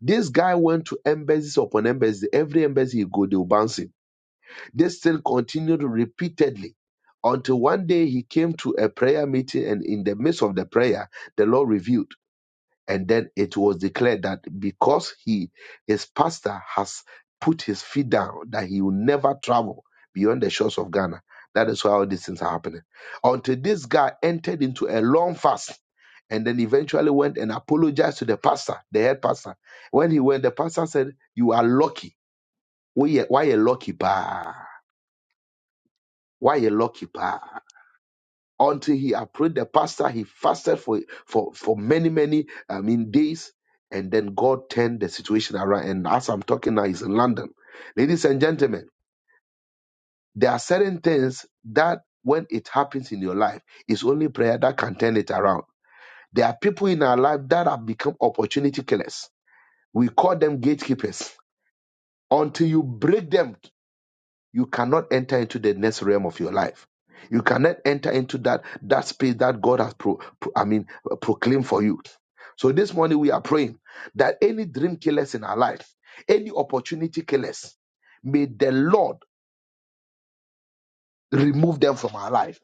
This guy went to embassies upon embassy. Every embassy he go, they will bounce him. This thing continued repeatedly until one day he came to a prayer meeting, and in the midst of the prayer, the Lord revealed and then it was declared that because he his pastor has put his feet down that he will never travel beyond the shores of ghana that is why all these things are happening until this guy entered into a long fast and then eventually went and apologized to the pastor the head pastor when he went the pastor said you are lucky why you why you lucky pa why you lucky pa until he approached the pastor. He fasted for for for many many I mean days, and then God turned the situation around. And as I'm talking now, he's in London. Ladies and gentlemen, there are certain things that when it happens in your life, it's only prayer that can turn it around. There are people in our life that have become opportunity killers. We call them gatekeepers. Until you break them you cannot enter into the next realm of your life. You cannot enter into that that space that God has pro, pro- I mean proclaimed for you. So this morning we are praying that any dream killers in our life, any opportunity killers, may the Lord remove them from our life.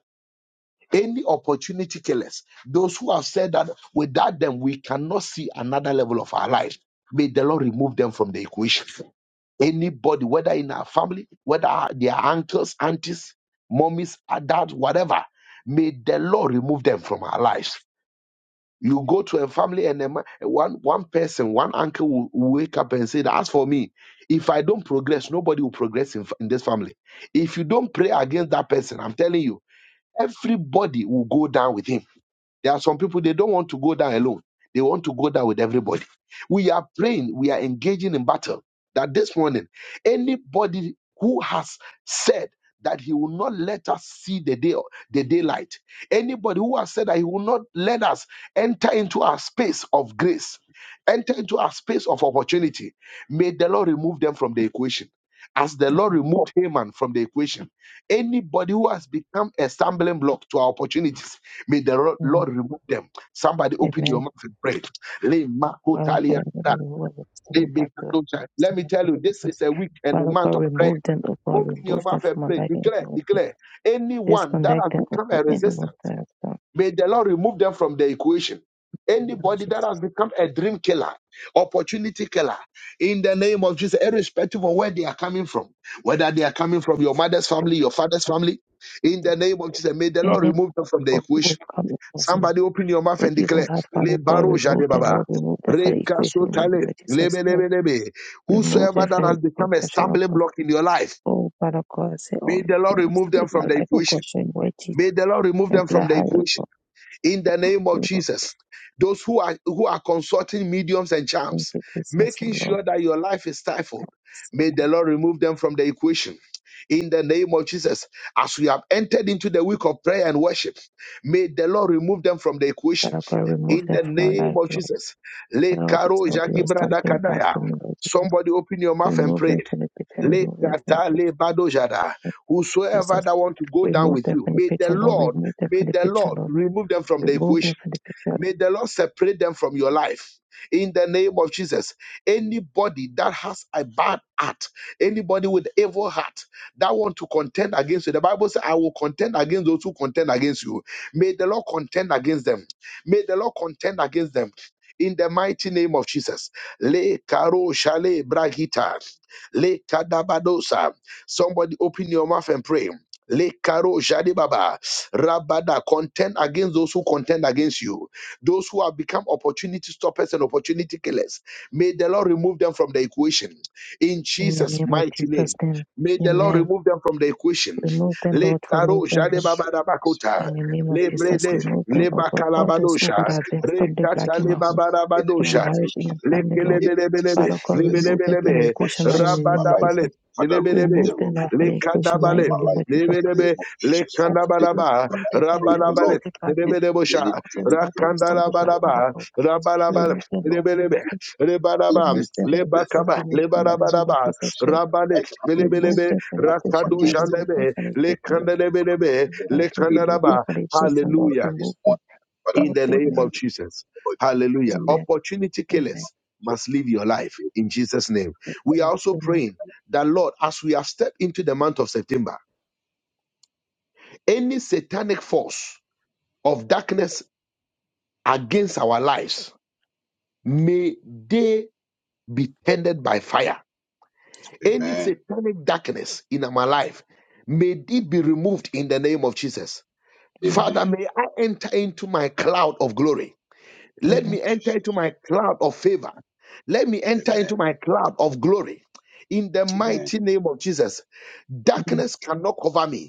Any opportunity killers, those who have said that without them we cannot see another level of our life, may the Lord remove them from the equation. Anybody, whether in our family, whether their uncles, aunties, mommies, dads, whatever, may the Lord remove them from our lives. You go to a family and a ma- one one person, one uncle will will wake up and say, that, "As for me, if I don't progress, nobody will progress in, f- in this family. If you don't pray against that person, I'm telling you, everybody will go down with him." There are some people, they don't want to go down alone. They want to go down with everybody. We are praying, we are engaging in battle. That this morning, anybody who has said that he will not let us see the day, the daylight, anybody who has said that he will not let us enter into our space of grace, enter into our space of opportunity, may the Lord remove them from the equation. As the Lord
Amen.
removed Haman from the equation, anybody who has become a stumbling block to our opportunities, May the Ro- Lord
Amen.
remove them. Somebody open
Amen.
your mouth and pray. Le
Father
makotalia
God, I know
da,
that the word of
le
the back to
bekatocha. Let
sin
me
and
tell
Lord
you, this
Jesus.
is a week and a
Father God,
month of prayer.
remove them, oh God,
Open your
remove them
mouth and
from my
pray.
life and
Declare,
ability.
declare. Anyone that
Disconnect
has
them, oh
become
God,
a
anyone
resistance,
that has done
may the Lord remove them from the equation.
in the name of
Anybody that has
Jesus.
become a dream killer, opportunity killer, in the name of Jesus, irrespective of where they are coming from, whether they are coming from your mother's
Thank
family, your father's family,
you,
in
Jesus.
the name of Jesus, may the
Any
Lord
people
remove them from the
who
equation.
will come across and
Somebody open your mouth and
evil
declare,
heart, Father
Le
God,
baro
remove
jade
them,
baba.
Lord, remove them from
Re
the equation
kaso
in the name
tale.
of Jesus,
Lebe,
Lord.
lebe, lebe.
Remove
Whosoever
them
that
from
has
the
become a
equation, oh
stumbling
God.
block in your life,
Oh, Father God, I say,
may
oh,
the Lord
demons
remove
that
them
in
from
my
the
life, oh
equation.
God, showing white teeth
May the Lord remove
and
them from
black
the
eyes,
equation
oh
in the name of
God.
Jesus. Those who are who are consulting mediums and
Thank
charms,
you, Jesus,
making
and
sure that your life is stifled, may the
Lord.
Lord remove them from the equation. In the name of Jesus, as we have entered into the week of prayer and worship, may the Lord remove them from the equation.
Father God, remove
In
them
the
from our
name
life,
of
Lord.
Jesus, Le
Allow us
karo
to be
jaki
or
brada
something back
kadaya.
to me, Lord Jesus.
Somebody open your mouth and
Remove
pray.
them from the picture,
Le
remove them from the
kata
picture,
le bado jada.
Lord
Whosoever
Jesus.
that want to go down
Remove
with
them
you,
from the
may the
picture, Lord.
Lord
Remove them
May
from the
the
picture,
Lord
Lord.
remove them from the
Remove them
equation.
from the picture.
May the Lord separate them from your life. In the name of Jesus, anybody that has a bad heart, anybody with evil heart that want to contend against you, the Bible says, "I will contend against those who contend against you." May the Lord contend against them. May the Lord contend against them. In the mighty name of Jesus, le karo shale bragita, le kadabadosa. Somebody open your mouth and pray. Le karo shade baba, rabada. Contend against those who contend against you those who have become opportunity stoppers and opportunity killers, may the Lord remove them from the equation. In
In the
Jesus'
name of
mighty
Jesus'
name,
name.
may the Lord
Amen.
remove them from the equation.
Remove them,
Le
Lord. Remove
taro
them,
jade
Lord.
strength,
babadabakota,
In
Father,
the name of
le
any
Jesus,
brede,
remove
opportunity
them,
le
of
oh God. All those, oh God,
bakalabadosha,
that
killers,
have
any
been
re
stumbling
opportunity
black
kata
in
le
my
killers,
home,
any
in my
babadabadosha.
marriage,
breakthrough
in my
killers,
family, Lord.
any
Lekelebelebelebe,
Father
destiny
God,
killers,
remove
in
them
the
from the
lebelebelebe,
name of
equation now in the
Jesus in my
name of
life.
rabadabale,
Jesus.
Father, remove
lebelebe,
Remove
them,
them now
remove
from
them,
the
remove
equation now
them
in
in
lekadabale,
the
my
name of
life. In the
Jesus.
lebelebe,
name of Jesus from
Remove
today.
those
lekandabadaba,
Father, I
that have
pray
been
the
lost on
rabalabale,
Lord,
the blood, Lord.
any
lebelebosha,
any
Remove those
any
that have been
dream
lost on the blood,
killers,
Father
rakandalabalaba,
God.
rabalabale,
killers,
Remove the Lord.
lebelebe,
Remove them.
any
lebalaba,
Remove them,
destiny
Lord
killers,
Jesus.
lebakaba,
in
Remove
the
them in the
mighty
name of
name
lebarabadaba,
of
Jesus,
Jesus.
Lord.
rabale,
I come,
Remove
against
lebelebe,
them from the
I come
equation, Lord.
against them.
Remove them
rakadojanebe,
from the equation, Lord.
lekandelebelebe,
Father,
It
remove them
lekandalaba.
from the
is
equation, Lord.
Hallelujah
Remove
this
them.
morning, but I'm
in
Oh,
the name
amen.
of
looking
Jesus.
forward
Hallelujah.
to Lord
Amen.
Opportunity
Amen.
killers must live your
in the
life
day.
in Jesus' name.
Yes,
We are
Lord.
also
Amen.
praying that, Lord, as we have stepped into the month of September, any satanic force of darkness against our lives, may they be tended by fire. Any
Amen.
satanic darkness in our life, may it be removed in the name of Jesus.
Amen.
Amen.
Father, may I enter into my cloud of glory
Thank
Let
Amen.
you,
me enter into
Jesus.
my cloud of favor. Let me enter
Amen.
into my cloud of glory. In the
Amen.
mighty name of Jesus,
Amen.
darkness cannot cover me.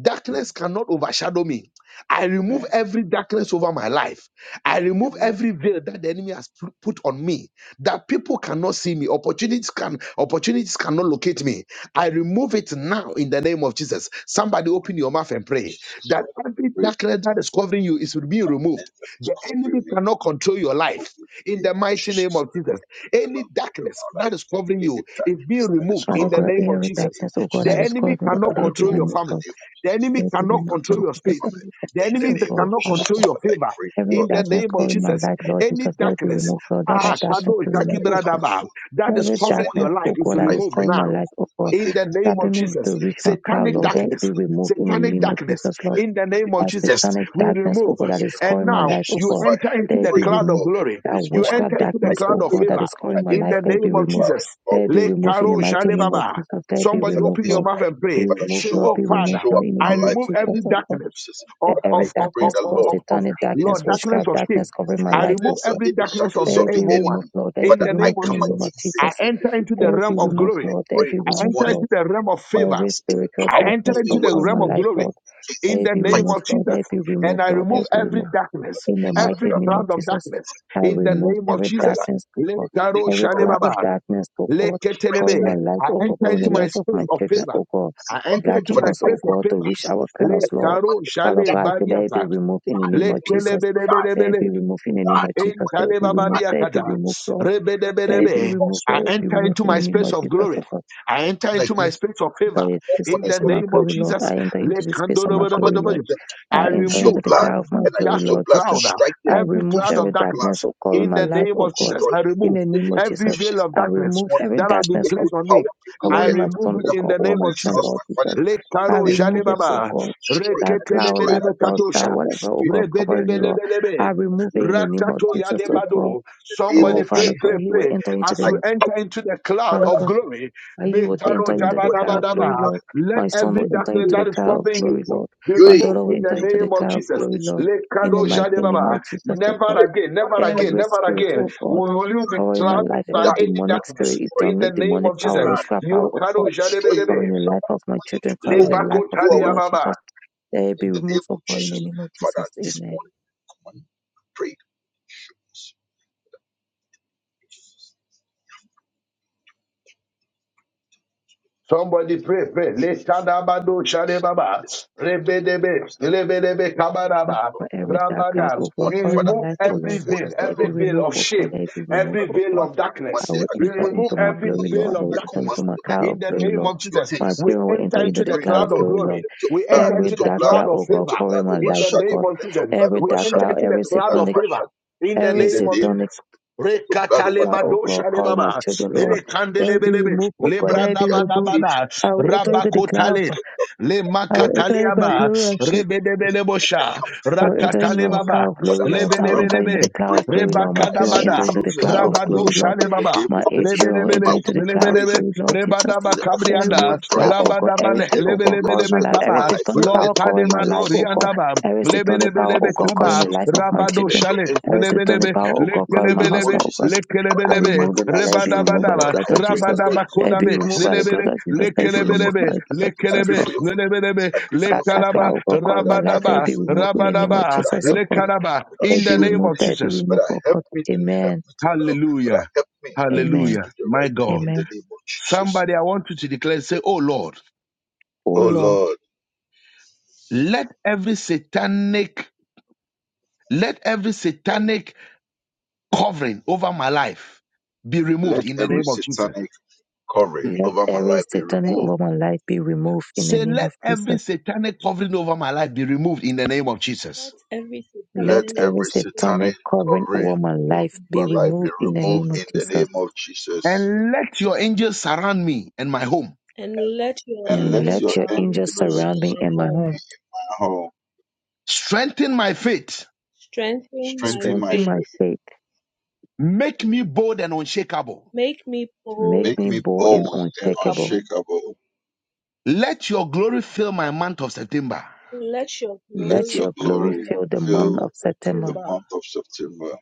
Darkness cannot overshadow me. I remove
Amen.
every darkness over my life. I remove
Amen.
every veil that the enemy has pu- put on me, that people cannot see me. Opportunities can opportunities cannot locate me. I remove it now in the name of Jesus. Somebody open your mouth and pray
Jesus,
that
Father,
every
we
darkness that is covering you is being
thank
removed.
you
The
for
enemy
covering me.
cannot control your
move
life.
in the
In
name
the
of
mighty name
Jesus.
of
That the
Jesus,
enemy
any
cannot cover
darkness
my
that
life.
is covering
Any
you is
darkness
being
that is
removed in
Father
the
covering
God,
me
name of
every
in the
Jesus.
name
darkness,
of
oh God,
The
that is
Jesus.
enemy
causing, oh
But I
cannot
God, let it be
control
remove
your
in
removed,
family.
the
Lord.
name of
The
Jesus.
enemy
The
Let it be
enemy
cannot
removed,
control
Lord.
control
your
me
Because
spirit.
from it.
every
The
In
darkness,
the
enemy
oh
that
name
God,
of
cannot
Father
Jesus.
control
God.
your
But I
favor.
pray,
Every
In
God,
the
darkness
name of
in
calling
the
my
Jesus,
light, Lord
any
Jesus, let it be
darkness
name
removed, Lord.
of
Let
ah,
that
Jesus.
darkness
kado
be
But
itaki
removed,
I
oh
come
God.
bradaba,
before you.
that
And
is
Every
this
covering
morning
darkness,
your life
oh
is
God, that
I
is
removed
pray
calling my
now.
light, oh God,
In
against
the
the
name of
stopping
enemy.
me
Jesus,
to reach my cloud,
satanic
In
Lord.
your
Let it
darkness,
be removed
let
in the
it
satanic
name of
bring
darkness.
Jesus, Lord.
let
In the name of
it
As
Jesus,
satanic
we
destiny.
darkness, oh
remove.
God, that is
And
calling my
now
life, oh
you
God,
Father,
enter
I
let
into
it
the
be
pray the
cloud of
removed.
Lord
glory.
That
this
You
morning.
witchcraft
enter into the
I
darkness,
cloud
oh
of
pray
God,
the
that
favor.
is
Lord. I
calling my
In
life,
enter
the
let it
name
into
be
the
of
removed.
cloud of
Jesus,
Let
glory
it be
le
in
removed
the
in the
karo
name of
mighty
jale
name of
Jesus.
baba.
Jesus. Let it be
Somebody
Father,
removed,
open
this
your
Lord.
mouth
morning,
and
Be
pray.
Father,
removed,
Say,
show
Lord.
up,
Oh
Be
Father,
removed,
Father.
show
Lord,
up
in
in
the
I
my
name of
life
remove
Jesus,
in
oh
every
the name
God.
of
darkness
Jesus.
of
Let
Father, I
every
of of
pray
darkness
of
the
of,
cause
Lord
of, of
satanic
in
darkness,
Lord
this
darkness
day,
witchcraft,
of
in
shame.
darkness
this
covering my
day,
I
life,
let
remove
oh
so
God.
every
any
darkness of
shackles
They
the
of the
be
evil
enemy,
removed,
one
Lord. They
in
be
Father,
the
I
name
removed
of
in the
come
name
Jesus.
of
against
I
Jesus.
it in the
enter
name
into
of
They
the realm
be
Jesus.
of
removed,
glory.
I
Lord. They
pray
be
I
this
removed,
enter
morning
Lord.
into the realm of favor.
Every
against any
spiritual
I
power,
enter
darkness
any
into
word,
the
covering
realm
my
of
life,
glory
Lord.
please
in
They
the
be
name
fight
removed,
of
Lord. They
Jesus.
be
And
removed,
I
Lord. They
remove
against
be
my
removed.
every darkness,
brother,
In
my
the
every
mighty
sister,
name of
cloud of
Jesus,
darkness
I
in the
remove
name of
every
Jesus.
Tyler,
darkness, oh God,
in
every
the
cloud
Let
of darkness, oh God,
Fight
covering my
and
Leketelebe.
life,
I
oh God,
enter
covering
into
the
my
life
diligence
of
space
my
for
of
this
children,
favor.
oh God,
I
silver,
enter into
blocking
for
my
the
us, oh
space of
God, to
favor.
reach
eyepiece,
our
Le
clouds,
and I
Lord.
command
karo
them to
Father
shale
die,
God, let it be
bariata.
removed in the name of
them
Jesus.
to die,
Let it
Le
be removed in the
die,
name of
on
Jesus.
the
Let it be
I
removed. Let it be
Intalebabadiakata.
removed, Lord. Let it
every
be
Rebedebedebe.
false
removed. Let
I
it be
enter
removed
witness
into
in the
my
name of
space of
Jesus,
glory.
oh God.
I enter into my
against
space of favor.
Enter
all
the
In
corners
space
the
of
of the
my
name of
world.
glory, Lord.
Jesus,
I enter into
Let
the space of my
Come
glory, Lord.
handodobodobodobody.
against them,
I
I enter
use your
into
remove
the
blood,
cloud of
every
my
and I
glory,
dark
use your
Lord
blood to
cloud,
Jesus.
strike them.
I
every
I
remove
use
cloud
your
of
every
blood to
darkness
darkness.
of
kill
covering
In
my
the
them, to
life,
name
oh
of
God,
Jesus,
destroy
I
them.
in
remove
the
In
name
the name
of
of
every
Jesus.
veil
Jesus,
of
I
this
darkness
remove
morning,
every
that has been
darkness of
every
placed on
power
me. I
everywhere,
covering my
remove
we
son, oh
it
have to
in
God,
the
or
name
my
of
this
son,
house,
Jesus.
Lord
my father,
Jesus.
Let
in
I
the
karo
name of
remove it,
Jesus,
oh
jalebaba,
God.
destroy it,
That
I
cloud,
destroy it,
that
I
reketeleleleme
dust,
destroy it.
that
katosha,
whatever, oh God, covering, Lord.
rebedebelebelebe,
I remove it in the name of
Rakato
Jesus,
In
oh God.
yadebado.
the name
Oh,
Somebody
of
pray,
Jesus.
Father God,
pray,
he will
pray.
enter into
As
I
you
the
enter into the cloud
Father,
of
God.
glory,
And you will
metaro
enter into the
what
car of glory,
jabanabadaba.
Lord.
let
My son
every
will enter
darkness
into the
that is
car of
covering
glory,
you
Lord.
be
you
My
ate,
daughter
removed
will
in the
enter into
name
the
of
car of
Jesus.
glory, Lord. In the
Lekado
you
mighty name
jadebaba.
of Jesus, oh
Never
God.
again, never
and
again,
Every
never
spirit,
again
oh God,
will you be
covering my
clouded
life,
by
every
that
any
demonic
darkness.
spirit, it
destroying
In
done
the name
demonic
of
power,
Jesus.
plan, I
witchcraft power, oh God,
Yokado
destroy you.
jadebedebe.
covering the life of my children, covering
Go,
the life
Lebako
of
go
my
away
Lord
from-
taliababa.
Jesus. Let it be
in the name
removed, oh
of
God, in the
Jesus.
name of
Father,
Jesus.
this
Amen.
morning, come on, pray. Jesus, Jesus,
Somebody pray,
name.
pray. Lechadabado shadebaba.
this is the name of
Rebedebe.
Jesus,
Rebedebe
And
our
kabaraba.
For
Lord.
every dark
Pray
cloud,
Rabadam.
This
oh God,
We
morning,
covering
Father,
my
remove
I
life, oh
come
every
Lord
before
veil,
you,
Jesus,
the
let it
every
be
Lord.
veil
removed,
of
oh God,
shame,
let it be removed,
I
every
oh God.
veil
command,
of
I command,
darkness.
I
the-
will
I
We
enter
command,
remove
into
the-
my
every
glory,
veil
Lord. I
of
will
I
enter
command
darkness.
into my
my
cloud
In
of
the
glory,
name
Lord.
of
obedience to your
Jesus,
My
hands.
we
children will enter
enter into
into the
the
pray
cloud
that
of
cloud of
Lord,
glory, Lord.
glory.
let your
We
blood,
enter
let
into
Every
your
the
dark
blood,
cloud
cloud,
of
oh
let
God,
your
favor.
covering
blood
my
In
life,
the
oh
overshadow
name
God.
me,
of
let your
Jesus,
blood
Every
we
dark
overshadow
enter
me,
cloud,
into the
let
every
your
cloud
blood
of
satanic,
favor.
overshadow me.
In the
in
every
the
name of
name,
satanic
Jesus,
let your blood
Rekatale
cloud,
overshadow me
oh
madosha
God, covering my
lebaba.
children, Lord.
Ele
Let it be
kandelebelebe.
removed, oh
in
Le
God.
their
Let
in
it be
their
removed.
education,
bradabadabada.
I will enter
let your
into the cloud.
Rabakotale.
blood overshadow
Le
I
their
will
endeavors. In
enter
the
into my
name of
makataliaba.
glory.
Jesus, this morning I
Rebedebelebosha.
come
So
forth
enter
this
into
Rakatale
the
morning,
baba.
cloud of
but
glory,
as
Lord.
I
I'll
clap
enter
and
Lebelebelebe.
into the cloud of
pray,
glory, Lord. My
that I
children
show
enter
Rebakadabada.
into
show
the cloud
mercy
of
for me
glory,
Rabadosha
Lord.
in the
lebaba.
name
My
of
eight
Jesus,
children
in
Lebelebele,
enter
my
into the cloud of
workplace,
lebelebele,
glory, Lord Jesus.
in
rebadaba
the office, in my
Every
kabrianda,
cloud,
driving,
oh God,
in
rabadabale,
everything,
every
oh God,
every
covering
lebelebelebe
my
aspect
life.
of my
Every
kaba,
life, Father,
satanic
Lord
let
power
your
covering my
kademado
life,
angels.
oh God.
riandaba,
Every satanic power,
lebelebelebe
oh
No
God,
mercy
covering
kaba,
the
your
life of
me.
my
rabado
Let
children.
your
shale,
Every
angels
lebelebe,
satanic
be
power,
in
oh God, covering
the
my
name of
lekelebelebe,
husband, oh God.
Jesus. Father,
I
in
lekelebelebe,
my
remove it and let it be
adversary,
removed by the
rebadabadaba,
Father,
blood
I
of
pray the
Jesus.
Lord
rabadaba
Let it be
forgive
kodabe,
my
removed by the
sins.
lebele,
blood of
I
Jesus. Let
pray
it be
for your
removed
lekelebelebe,
by the
forgiveness.
blood of
I
Jesus,
pray
lekelebe,
Lord.
for your forgiveness.
lebelebe,
I pray for your
That, that
lekalaba,
cloud,
forgiveness.
oh God, covering
Father,
my
I
life. Let
pray
it
rabadaba,
be
for your
removed in the
forgiveness.
name of
rabadaba,
Father,
Jesus, oh
help
God.
me.
lekalaba.
Father,
Let
In
it
the
be
show me
name
removed.
of
Let
mercy.
it be
Jesus.
removed,
Father,
O
help
God.
me to help
Amen.
me to love. Father,
Hallelujah.
help me to
Amen.
do
Hallelujah.
the
My
right thing
God.
in the
Amen.
name of Jesus.
Somebody, I want you to declare, say, Oh Lord,
O
Oh
Lord,
Lord,
let every satanic, let every satanic covering over my life be
let
removed in the
every
name of Jesus.
satanic covering
Mm.
let
over my
every
life be
satanic
removed.
over my life be removed in the
Say,
name of
let every
Jesus.
satanic covering over my life be removed in the name of Jesus.
Let every
Let
Let
satanic
every
every
spirit
satanic
satanic
covering
covering
over my
move
life
in the
be
our
name
life
of
be
removed in the
Jesus,
removed
name of
in the
Jesus.
name of Jesus.
And let your angels surround me and my home.
and let your
And let
And
angels
let
your
your
surround
angels
angels
me
surround
and
me
my
and my
home,
surround
home.
me in my home,
Strengthen my faith.
strengthen my
strengthen my
Strengthen my
faith,
faith,
faith.
Make me bold and unshakable.
make me
Make
bold
make
me
me
and
bold and
bold and
unshakable.
unshakable.
unshakable.
Let your glory fill my month of September.
Let your
Let
Let
your
glory
your glory
fill
glory
my
fill the
month
month
fill
of
of
the
September.
September,
month of September,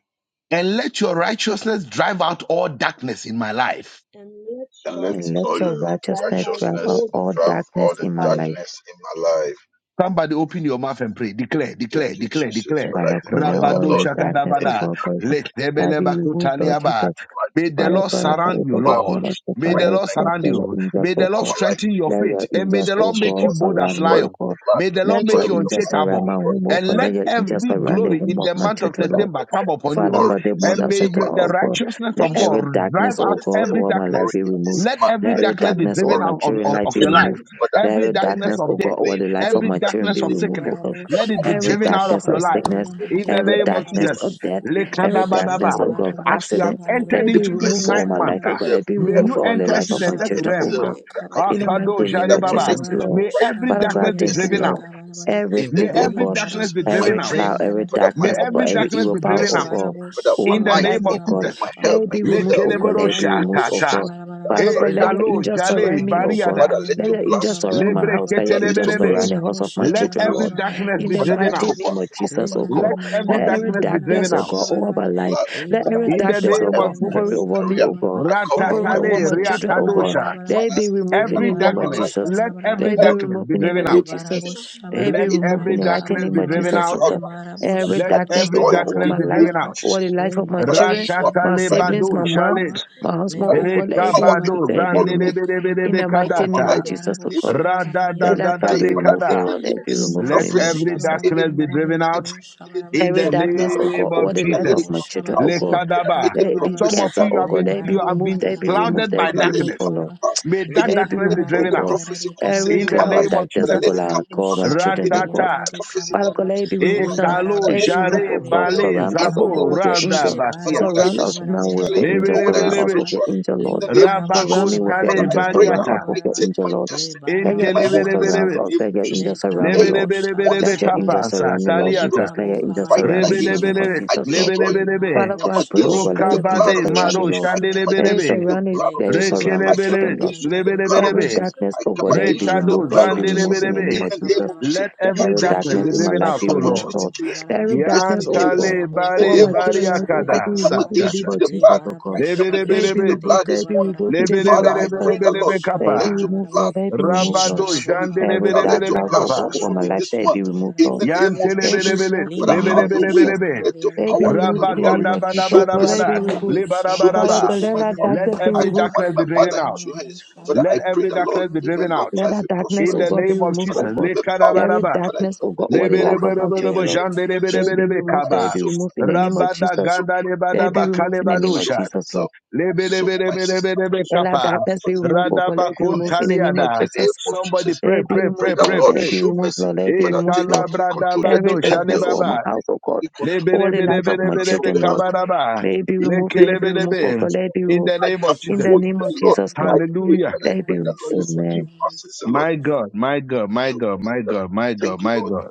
And let your righteousness drive out all darkness in my life.
and let
and
your
let
And
all
let
your
your
righteousness drive
righteousness
out
drive
righteousness
out
all
all
drive
darkness in
darkness
all the
in
my
my
life.
life.
darkness in my life.
Somebody open your mouth and pray. Declare,
Thank
declare,
you,
declare,
Jesus,
declare.
for I
Father, condemn
declare that,
all
Rabado
Lord.
any darkness, O
Any
shakadabada.
God, God, God,
darkness, any
that be removed, Lord
Letebelebakutaliaba.
Jesus.
May the
Father,
Lord
darkness, any
Father, Father,
surround you,
for the
wild
Lord.
name of the
May
fight,
the
Father,
Lord
thank
exalt
surround
your
you.
angels,
May
you for
O
the Lord
God.
my life.
strengthen your
Let
faith.
your
And may
angels,
the Lord
O
make
Destroy,
God,
you bold as
surround me,
destroy with
O
lion.
the
God.
blood,
May the Lord
Let
destroy
make
your
with
you
the blood.
angels surround my
unshakable.
But
home, O
And
God.
let
Let your angels
every
surround the
glory
home
in
of
the
my
month of
children,
that
Lord.
September come upon
Father
you.
glory
God, the
in
month
And
of
may
September,
your-
September,
the
oh
in
God,
righteousness
let
of
Jesus,
God
every darkness,
drive
oh
let
out
God,
every
every
over my life
darkness.
be
already in
removed.
this
Protect
Let
month,
every
Let
let
Every
every
darkness
darkness
every
be
darkness
driven
over
glory
my
out of,
in
children's
of
life
of
be
your
September.
life.
removed.
But
Let
Every
I,
every
I, I
darkness
darkness,
of
oh
death
God, over
complain,
the life
Lord,
of
Every
my
I
children
darkness
be
of
receive it,
removed,
sickness,
oh God.
but
let
I
in
it be
Every
take
my
driven
it.
out of
life, every
darkness
I
your
of
take it,
life.
sickness,
darkness
In the
every
But
name
in
I
of
my
darkness
take
Jesus,
it
of
in
death,
the name of
every
Jesus.
Lekandabadaba.
darkness, oh God, of
life,
as you have
accident, let
entered
it
the
be
into this
removed
blessings
over
ninth
my
that I
month,
life, oh
ah,
God. Let
deserve,
it be
may
removed
you
every
over the
enter
life
into
of
the
blessings
my
that
next
every
I
children, oh
realm.
deserve,
God.
ah.
that I
In the
take.
Akado
mighty name
Father,
of Jesus,
connect
Jarebaba.
me to
Lord.
the
May
right,
every
Father
to
God,
my
I
darkness be
thank you,
destiny
driven
Lord.
out.
connectors
Libara
in the
May
Everything,
name
oh
Li
of
every
God,
darkness
Jesus.
be
My
driven
barabusha
every
out.
dream,
cloud, every
briandara
Father, my
May
darkness,
kabara
oh God,
every
bara
every
opportunities,
darkness
evil
be
my
power,
driven
oh
out.
destiny,
libara
God,
Father, my
over
busha
In
my
the
bara
life,
life,
name of
in
oh
the
God,
name,
Jesus.
my
barabusha barabarabusha
let
health,
it
my
barabara.
be
good
removed,
health,
oh God,
in
let
Lekeleboro
it
the
be
bara
name
removed,
of
oh
barabusha
Shatata.
God.
Jesus. I
Father
barabarabara.
God,
surrender
let your
Ekalo
all
Li
angels
into your
Jale
surround
hand.
me, oh
kabarabusha
God.
Bariada.
Father, let
Let
your
briandara
your
de
blood
angels
speak.
surround my house.
kabarabara.
Let your
Father, let
angels
your
Li
blood
Lebreketelebelebe.
surround the
bara
speak.
house of my
Let
Let
your
children,
blood
every
Lord.
speak.
bara
darkness
In
be
the
Father, I
driven
mighty
out.
barabara.
cover,
name
I
of
cover,
Le
Jesus,
I
oh God.
maraba
cover
Let
my
bara
every
Let
family,
every
bara
darkness
I
be
bara na bosha bara le mara mara mara mara mara mara
driven
darkness,
cover
oh
out.
busha
God,
myself
bara
over
with
my
your
life.
blood.
Let
Father,
every
bara
darkness
I
In
in
the
my
darkness,
in the
bosha
oh
mighty
cover
name of
God,
name
bianda
of
hover
le
Jesus.
over
Jesus.
me,
career.
kabara
oh God.
baraba
I cover
le
Hovering
my
over
bara
Ratatale
my
business.
children,
bara
oh
I
bara
God
cover
riatadosha.
my
baraba
they be
finances.
removed
I
in
le
the
Every
cover
name
bara
my
of
darkness,
life,
Jesus.
my
let
bara bara
every
They be
health.
darkness
removed
be
in
In
the
So
the
driven
name
that
Le
is
of
out.
name of
Jesus.
barabo
forgiven of
Jesus.
the
They
Father,
be
Let
mighty
shabarabri and
name
any
removed
of
every
in the
the
mighty
darkness
Jesus.
name
be
of
kabarabaraba.
in
driven
the
Jesus, oh
out.
Le
cloud,
God.
my business,
marabo
Father,
Every
Let
I
shabari
darkness,
and
oh
every
destroy
God,
it.
the
over
darkness
In
my
be
the
life,
name
driven
of
kabarabaraba.
out.
over
Jesus.
the life
Le
of my
Father,
marabo
children,
show up
shabri
my
and
Ratatale
my life.
the
siblings,
bado
my
Father,
mom,
shale.
kabarabaraba.
my
Le
husband,
that
oh
may be
God,
barabo
let it be
power and
removed,
Rekabado
the
shabarabri
let it
and
be
all
the
removed.
take
In
zandelebelebelebe
the
kabarabaraba.
over
mighty
my
name
Le
kadata.
of
life.
Jesus, oh
barabo
In the name
God.
of-
shabarabri
From
Let
and the
that cloud
today,
be
Father,
removed,
kabarabaraba.
oh
in,
Radadagadadekada.
the,
Lord, let
in
it be
Le
this
removed in
Let
the
marabo
name of
prophecy,
every
Jesus.
any
shabarabri
darkness
and
be
dream,
the
driven
any
out
kabo
dream, any dream
in
shabarabo
Every
the
that,
darkness,
shabaraba.
that
oh
name
God, over
of
Le
the
Father,
life
let
of
it
barabo
Jesus.
my
come
children,
out.
oh
shabarabri
God,
and
Father,
the
Lekadaba.
any
let it be
kabarabaraba.
Some of
prophecy
cancer,
you
oh
have
Le
God,
been
let it be
you have
marabo
removed,
been
let it be
giving
removed,
clouded
let it
by
be
Father,
habarabaraba
let
removed,
it
oh
darkness.
come to
Lord.
shabaraba
pass.
May
le
Any,
that
Let it be
darkness
any
be
kabara
removed, oh
driven out
God.
briandara
prophecy
de
Every
kabara
in
concerning
the
my
cloud
baraba
of
life,
name of
darkness,
Father,
le
oh
let
Jesus.
God,
it
bara
I
come to
call my
pass.
shabara
children,
Any
oh God.
Ratata.
briandara de
prophecy
kabara
Father
that
God,
baraba
let it be
le
my
removed now.
life,
bara
Father,
Ekalo
Let it
let
be
it come
removed,
shabara
to
jare
oh God.
pass.
briandara
bale
de
Surround
In
us,
the
oh
kabara
God,
name
zabo
baraba
with
of
your
rada
le
angel.
Jesus, Father,
bara
whether
bakiata.
it
Surround
is
us
shabara
now with
physically
your
briandara de
Lebe
angel.
or whether
lebe
Surround
it's
kabara
us
lebe.
with
baraba
your
spiritually,
angel,
le
in
Lord.
the name of
bara
Surround me
Jesus,
with
shabara
your
Father,
Rabakontale
I
angel.
briandara
pray
de
that
Surround us
Lord,
bariata.
with
I
kabara
your
baraba
take
angel,
my
Lord.
le
destiny
Let
bara
in
your
my
angel
own
Entelebe lebe
hands.
shabara
In
surround
lebe.
baraba
the
us.
name
Let
of
your
Jesus,
angel
le
surround me,
kabara
hey,
Lebe
bo
Lord.
lebe lebe
one
shabara
lebe
is
Let your angel
baraba
kapasa
surround me, Lord
spirit,
le
taliata.
Jesus. Let
kabo
your angel
habara
fight
surround
bo
me in the
against
name
me.
shabara
of
Rebelebelebe,
I
Jesus,
baraba
Lord.
destroy
Le
you.
lebelebelebe,
I
Father
marabo
come
God, I pray, oh
shabri
against you
God, let
with the
andara
your
de
blood
angel
rokabade,
of
surround
Jesus.
me,
kabarabo
maro,
Lord.
I come
Let
shabarababa.
it
against you
shandelebelebe,
with the
surround it.
blood
Le
of
Let it
Jesus.
surround
kabarabo
my
I come
children,
rekelebele,
shabri
Lord.
against you
andara
with the
de
blood of
Every
lebelebelebe,
kabaraba.
Jesus.
darkness,
I
oh
come
God,
Le
let it be
against you with
rekado,
the
marabo
removed. Let
blood
it
of
be
shabri
removed
Jesus.
in the
andara de
name
In
zandelebelebe.
of
the name
Jesus.
of
kabarabaraba.
Jesus,
Let
Let
you
every
every
dream
Le
darkness
darkness
be
in my
killers,
barabo
driven
life
out,
you
be
O
removed,
Lord.
shabarabo
opportunity
Lord.
killers,
Let
habaraba.
you
every
destiny
darkness,
Le
oh
killers.
God,
Yantale
marabo
In the
all
bare
my
name of
habarabri
children's
Jesus,
life,
andara
oh
de
I
God,
bariakada
be
come
removed
kabaraba.
in the
against you
name
satata.
with
of
the
Le
Jesus,
blood.
oh
barabo
God.
I come
shabri
Let
against
it
you
be
with the
Lebelebelebe,
andara de
removed.
blood
Let
this
it be
morning.
kabarabaraba.
removed in the name
Father,
of
Le
I
Jesus.
pray the
barabo
Lord,
lebelebelebelebe
Let it
let
be
kapa.
your
removed,
shabarabarabaraba.
blood
Lord. Let it be
Le
removed, Lord.
Rabado
speaks
barabo
for me.
Every
habara
Father, let
dark
your
jandelebelebelebe
cloud,
briandara de
blood
oh
kapa.
God,
speak
over
for
kabara
my
me
bo
life,
this
let it
month
be removed,
shabriandara
in
de
Lord.
the name
kabara
of
Let
baraba.
it be
Jesus.
Yantelebelebele,
removed
Le
in
Father,
the name
have
of
marabo
your way.
Jesus.
shabara
lebelebelebelebe.
Let your
Let it
briandara
be
power
de
and
removed
your
in the
kabara
glory
name of
baraba.
Jesus,
show
Lord.
Le
Let it
mercy
be
Rabagadabadabadabada,
upon
barabo
removed.
me. Show
shabara
Father
bo
mercy
libarabadaba.
God,
upon
let
my
that
family.
Let
darkness
shabriandara
be
I
every
removed.
baraba.
command
darkness
my
be
Le
mother
driven
into
out.
your
barabo
hands. Father,
Let
I pray
shabriandara
every
the
de
Lord
darkness be
kabara
give her
driven
baraba.
long
out.
Let
life
that
and
Le
darkness,
In
oh
the
barabo
prosperity.
God, be
name of
removed,
Father,
oh
Jesus.
shabriandara
God.
de
give her power.
kabara
Every
Lekadabadaba,
Father,
baraba.
darkness,
give
oh
her
God,
the
over the
Le
life
glory.
of my
barabo
In the
lebelebelebelebe,
children, Lord.
name of
Let
Jesus,
it be
jandelebelebelebe
removed,
I
let it
kaba.
be
soak my
removed in the name
tears.
of
I
Jesus.
soak my
Let it be
Rabadagandarebadaba
wife.
removed in the
I
name of
soak
kalebadosha,
Jesus, Lord.
myself. I soak my sister. I
lebelebelebelebe
soak
Let that
my
kapa.
darkness be
husband.
removed,
In
oh God. Let it be
your
removed
hands.
in the name of
In
Radabakuntaliada.
the name
Jesus.
of
Somebody
Jesus,
Let
pray,
it
I
be
pray,
pray
pray,
removed,
the
Lord.
pray,
Lord
Let
pray.
it be
show
removed,
mercy.
Lord. Let it be
Eh,
Father,
removed,
take
Lord.
absolute control. Let
Every
kalabradabado,
your
darkness
angels.
over my
shalebaba.
house, oh God,
be. control
over the life of
protect
my
us from the
children,
house
Lord.
of
Lebedebedebedebedebekabaraba.
Let it be
the evil. In
removed,
the
let it
name
be
of
removed,
Jesus,
oh
Lekelebedebe.
God. Let it be
In
removed
the
I
shabara
name
bo
come
of
in
Jesus.
the
before
shabara
you,
bo
name of
the Lord.
Jesus,
shabara.
I
Lord.
pray
Le
Hallelujah.
and I
Let it
pray
be
barabo
that
removed.
Lord you forgive
Amen.
shabriandara de
us sins and Lord
kabara
My
baraba.
God, my God, my
show
God,
us.
my God, my
Thank
God,
you,
my
Lord.
God.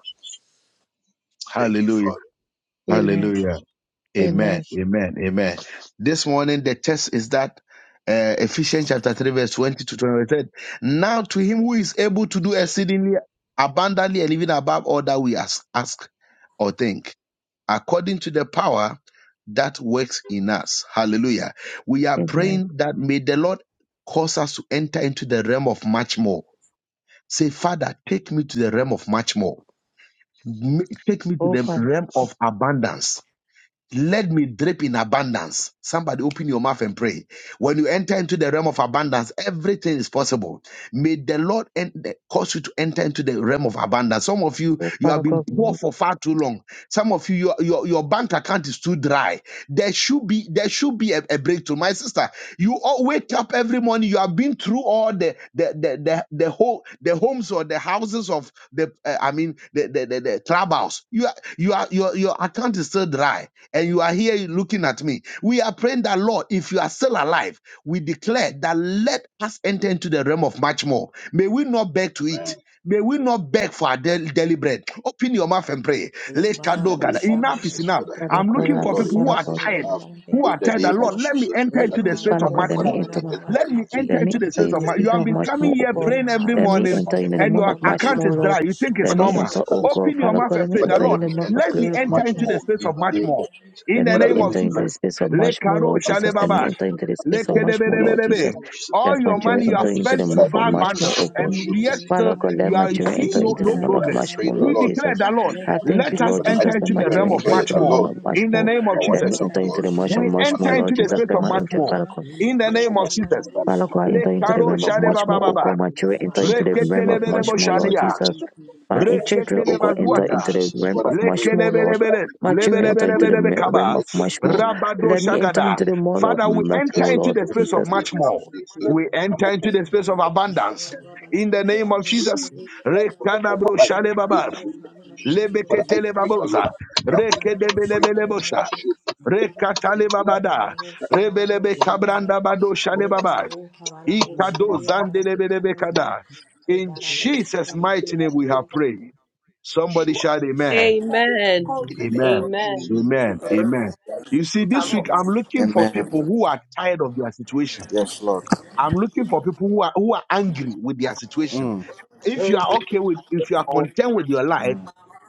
Thank you,
Hallelujah.
Father. Amen.
Amen.
Hallelujah. Amen.
Amen.
Amen. Amen. This morning, the text is that uh, Ephesians chapter 3, verse 20 to 23. Now to him who is able to do exceedingly abundantly and even above all that we ask, ask or think according to the power that works in us. Hallelujah. We are
Amen.
praying that may the Lord cause us to enter into the realm of much more. Say, Father, take me to the realm of much more. M- Take me to
Oh,
the
Father.
realm of abundance let me drip in abundance. Somebody open your mouth and pray. When you enter into the realm of abundance, everything is possible. May the Lord en- cause you to enter into the realm of abundance. Some of you,
Oh,
you have
Father
been
God, we
poor
need
for far too long. Some of you, your, your, your bank account is too dry. There should be should be a, a breakthrough. My sister, you all you have all the the the whole the host of the uh, I mean the the the, the clubhouse. You are you are your your heart is still dry, and you are looking at me. We are praying that life, we declare that let us enter into the realm of much more. May we not beg to
Man,
eat. May we not beg for our daily daily bread. Open your mouth and pray. Let
In the
Kado
Lebarabo
gather.
name of
Enough is
Jesus,
Shabrianda
enough.
Father,
de
I
Father
I'm
pray
God,
looking
I
the
ask
Cabarabo
for
the
Lord
people who
Father
enough
are
God,
is
tired,
enough.
Shabarabrianda
who
de
In
are
the
tired. That
name of
Lord,
Cabarabara
let me
Jesus,
enter
Le
Father,
into the
this
space
Father
of
morning,
Barabo
God,
much
let
Father,
me
more.
let me
enter my family.
Cabarabara
enter
Let me
into
enter
Let me
into
Cabrianda
the
into
enter
de
space
in
of
the
the,
much. You
season
have
into
of
been
Cabaraba
much
coming
more, oh
here
the
God.
Le
praying every
spirit
Let
Marabo
me
of
morning,
man.
enter in the
and
Shabrianda
month
your
of
de
In the
much
account
name of
more,
is
Jesus.
Lord.
dry.
Cabarabo
Jesus.
You think it's
Let
Father,
me
normal.
enter,
Shabarabarabo
oh
physically,
God,
Shabara
Open your
Father
mouth
God,
and
let me
pray. The
Father,
Le
enter in
let
Lord,
the
me
month
Barabo
of
enter
let me
glory
into
of
enter
much
much
Shabarabo
into
more.
the
more
space
in
of
the
much
name of
more. In
Let
Shabarabrianda
the
me
But
name
let
of
me
enter into
let
the
Jesus,
space
me
of
let
much more, Lord
much
Jesus.
more
Let me
Kado
enter
visible,
into the
much
space of
more
much more,
in
Let me
the
Lord
enter
name
Jesus.
Lekedebedebedebe.
into
of Jesus.
Let
All
my
your
In the
children
money you
name
have
of
enter into
Jesus,
spent
the
that
to
I
month of
buy
pray,
much
Lekabarabu
more, oh
bundles,
I
God.
and
should
shabriyandere
we
yet
in
Father
uh,
God,
the
let
kabaraba
you
my
are
realm
the name
of
of
children
seeing
enter
Jesus,
no,
into the
no
month
but
libarabu
of
I
progress.
much
pray
more,
the
We
Lord
Lord
shabriyandere
declare
Jesus.
the
this
Lord,
I
morning,
thank you,
let
lekabarabu
us
Lord
but I
Jesus,
enter
that
into
my
the
declare and
realm
children
shabriyandere
of
enter
declare
much
into the
the
kabaraba
more.
month
Lord
of much
In the
more.
name of
power
Let
and
me
Jesus,
your
enter
libarabu
into the
glory.
much
month of
we
shabarabu
I
much
enter
more,
like
Lord
into the
Jesus.
that
space
shabarabu
Let
of
my
much
angel,
more.
Father
shabaraba
God.
In the
much
name of
more,
Jesus,
but
lekabarabu
I let
Father
me
God,
enter
enter
the
into the
Lekaro
spirit
realm
of
shabriyandere
of
much
much more,
kabaraba
more
oh
in
jadebababa.
God.
the
My
name
children
of
enter
Jesus.
into
libarabu
the realm
But
of
I let me
Reketelebedebo
much
shabriyandere
more,
say
Lord
shadia.
Jesus.
kabaraba
My
much more
children,
libarabu
oh
in
God,
the name
enter
of
Reketelebazuata.
into the
Jesus,
realm
for
shabarabu
I
of much
pray,
more, Lord.
but I
Lekelebelebele,
My
pray
children
out
enter
the
into
way,
the
lebelebelebelebe
me-
but I
realm
kaba,
of
let your
much
grace
more.
and your glory
rabado
Let me enter
for
shagada.
into
me.
the mall of
Father,
Let
we
your
much
enter
more,
blessing
into
Lord
the
come up.
space of
Jesus.
Amen.
much
Let
more.
more
We
come
enter
Lekha
into
upon
the space of abundance. In the
than
name of
this week,
Jesus.
In
come upon
Jesus'
Rekadabro
my life. In
shalebaba,
the name
name,
of Jesus. Father, I
amen.
pray the Lord
lebeketelebaboza,
I just clap my hands to pray that
rekedebelebelebosha,
show me for me. Father,
rekatalebabada, rebelebe kabranda bado
Yes,
shalebaba,
God.
ikado
my father
zandelebelebe In Jesus' mighty name we have prayed. Somebody
show up
shout amen.
Amen.
in the name of
Amen.
Jesus.
Amen.
Amen.
Amen.
Amen. You see,
The
this week
Okay.
I'm
Lamb of
looking for
Amen.
people
God.
who are tired of their situation.
Yes, Lord.
I'm looking for people who are who are angry with their situation.
Mm,
If you are okay with if you are content with your life,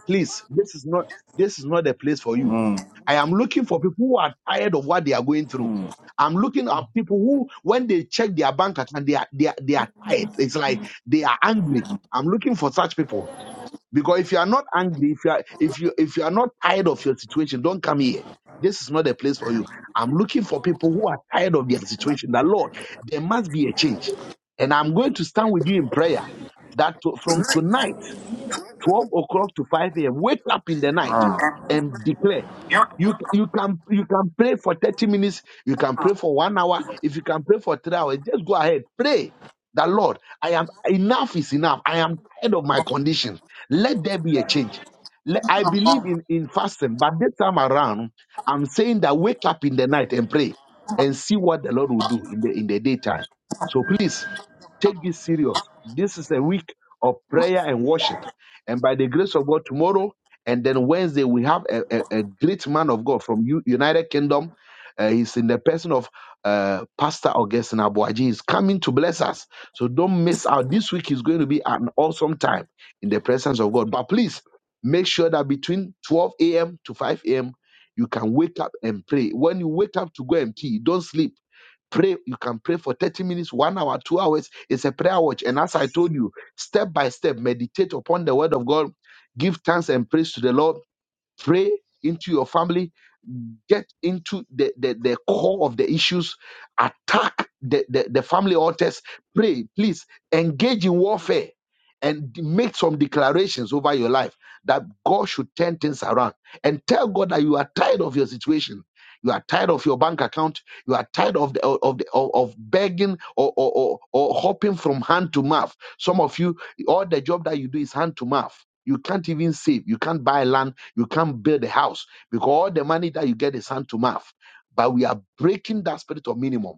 please, this is not this is not the place for you.
mm,
I am looking for people who are tired of what they are going through.
mm,
I'm looking at people who, when they check their bank account, they are they are, they are tired. It's like they are angry. I'm looking for such people. Because if you are not angry, if you are if you if you are not tired of your situation, don't come here. This is not a place for you. I'm looking for people who are tired of their situation. That Lord, there must be a change. And I'm going to stand with you in prayer that to- from tonight, 12 o'clock to 5 a.m., wake up in the night
mm.
and declare you you can you can pray for 30 minutes, you can pray for one hour, if you can pray for three hours, just go ahead. Pray that Lord, I am enough is enough. I am tired of my condition. Let there be a change. Let- I believe in, in fasting, but this time around, I'm saying that wake up in the night and pray and see what the Lord will do in the in the daytime. So please Take this serious. This is a week of prayer and worship. And by the grace of God, tomorrow and then Wednesday, we have a, a- a great man of God from U- United Kingdom. Uh, he's in the person of uh, Pastor Augustine Abuaji. He's coming to bless us. So don't miss out. This week is going to be an awesome time in the presence of God. But please make sure that between 12 a.m. to 5 a.m., you can wake up and pray. When you wake up to go and pee, don't sleep Pray, you can pray for 30 minutes, one hour, two hours. It's a prayer watch. And as I told you, step by step, meditate upon the word of God, give thanks and praise to the Lord pray into your family get into the, the, the core of the issues attack the, the, the family altars pray please engage in warfare and make some declarations over your life that god should turn things around and tell god that you are tired of your situation you are tired of your bank account you are tired of the, of the of, of begging or, or or or hopping from hand to mouth some of you all the job that you do is hand to mouth you can't even save you can't buy land you can't build a house because all the money that you get is hand to mouth. But we are breaking that spirit of minimum.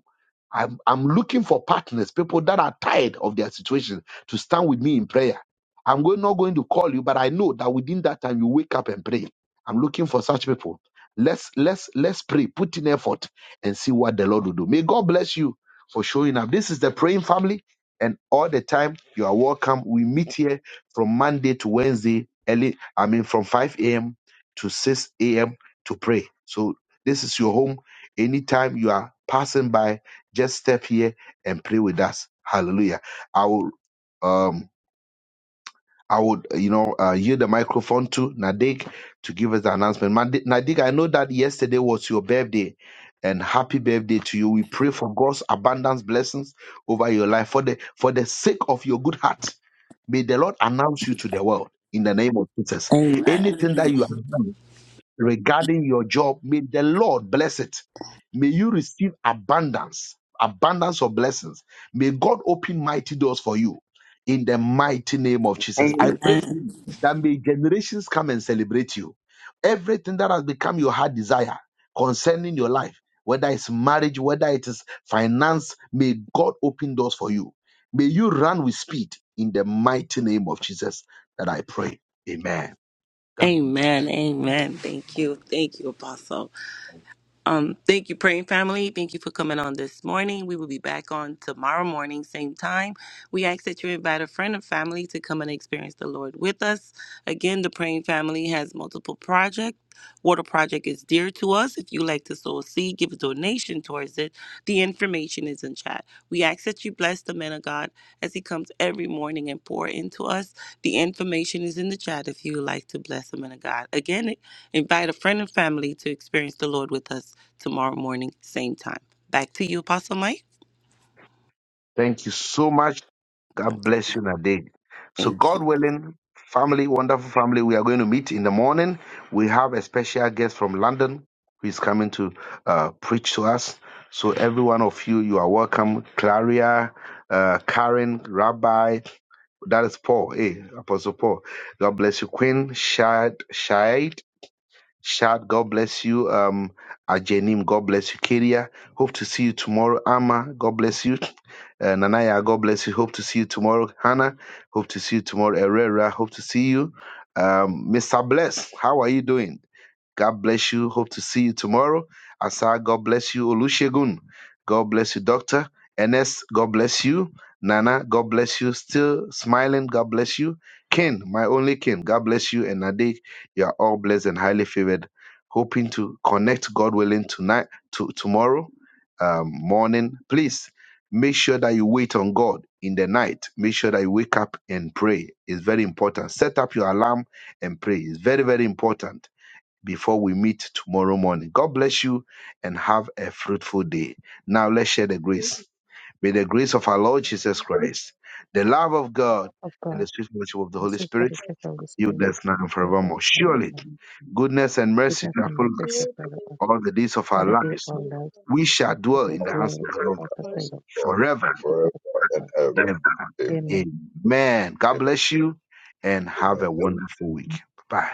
I'm, I'm looking for partners, people that are tired of their situation, to stand with me in prayer. I'm going, not going to call you, but I know that within that time you wake up and pray. I'm looking for such people. Let's let's let's pray, put in effort, and see what the Lord will do. May God bless you for showing up. This is the praying family, and all the time you are welcome. We meet here from Monday to Wednesday, early I mean, from 5 a.m. to 6 a.m. to pray. So this is your home. Anytime you are passing by, just step here and pray with us. Hallelujah. I will. Um, I would, you know, uh, yield the microphone to Nadik to give us the announcement. Mandi- Nadik, I know that yesterday was your birthday, and happy birthday to you. We pray for God's abundance blessings over your life for the for the sake of your good heart. May the Lord announce you to the world in the name of Jesus. Anything that you are regarding your job, may the Lord bless it. May you receive abundance, abundance of blessings. May God open mighty doors for you in the mighty name of Jesus. I pray for
Amen.
you that may generations come and celebrate you. Everything that has become your heart desire concerning your life, whether it's marriage, whether it is finance, may God open doors for you. May you run with speed in the mighty name of Jesus that I pray. Amen. God. bless.
Amen. Amen. Thank you. Thank you, Apostle. Um, thank you, praying family. Thank you for coming on this morning. We will be back on tomorrow morning, same time. We ask that you invite a friend and family to come and experience the Lord with us. Again, the praying family has multiple projects. Water Project is dear to us. If you like to sow a seed, give a donation towards it. The information is in chat. We ask that you bless the man of God as he comes every morning and pour into us. The information is in the chat if you would like to bless the man of God. Again, invite a friend and family to experience the Lord with us tomorrow morning, same time. Back to you, Apostle Mike.
Thank you so much.
Okay,
God bless you, Nadeg. So,
Thank you.
God willing, family, wonderful family, we are going to meet in the morning. We have a special guest from London who is coming to uh, preach to us. So, every one of you, you are welcome. Claria, uh, Karen, Rabbi, that is Paul, hey, Apostle Paul. God bless you, Queen Shad, Shad, God bless you. Um, Ajenim, God bless you. Keria, hope to see you tomorrow. Ama, God bless you. Uh, Nanaya, God bless you. Hope to see you tomorrow. Hannah, hope to see you tomorrow. Herrera, hope to see you. Um, Mr. Bless, how are you doing? God bless you. Hope to see you tomorrow. Asa, God bless you. Olusegun, God bless you. Doctor Ernest, God bless you. Nana, God bless you. Still smiling, God bless you. Ken, my only Ken, God bless you. And Nade, you are all blessed and highly favored. Hoping to connect, God willing, tonight, to tomorrow um, morning. Please make sure that you wait on God in the night. Make sure that you wake up and pray. It's very important. Set up your alarm and pray. It's very, very important before we meet tomorrow morning. God bless you and have a fruitful day. Now let's share the grace. May the grace of our Lord Jesus Christ, the love of God,
of
and
God.
the sweet fellowship of the Holy
This is by
Spirit
the power of the
you
Spirit,
bless now and
give us
forevermore.
and
Surely
time.
goodness and mercy
goodness
shall
and
follow
mercy
us
shall follow us
all the days of our
all the day of
lives.
our lives,
We shall
and
dwell
we will
in the
All
house
dwell in
the
the
of the
glory
Lord
house of
and
the
us,
forever
Lord.
forever and
forever.
ever.
and ever.
Amen.
Amen.
Amen. God
Amen.
bless you and
Amen.
have a wonderful week. Bye.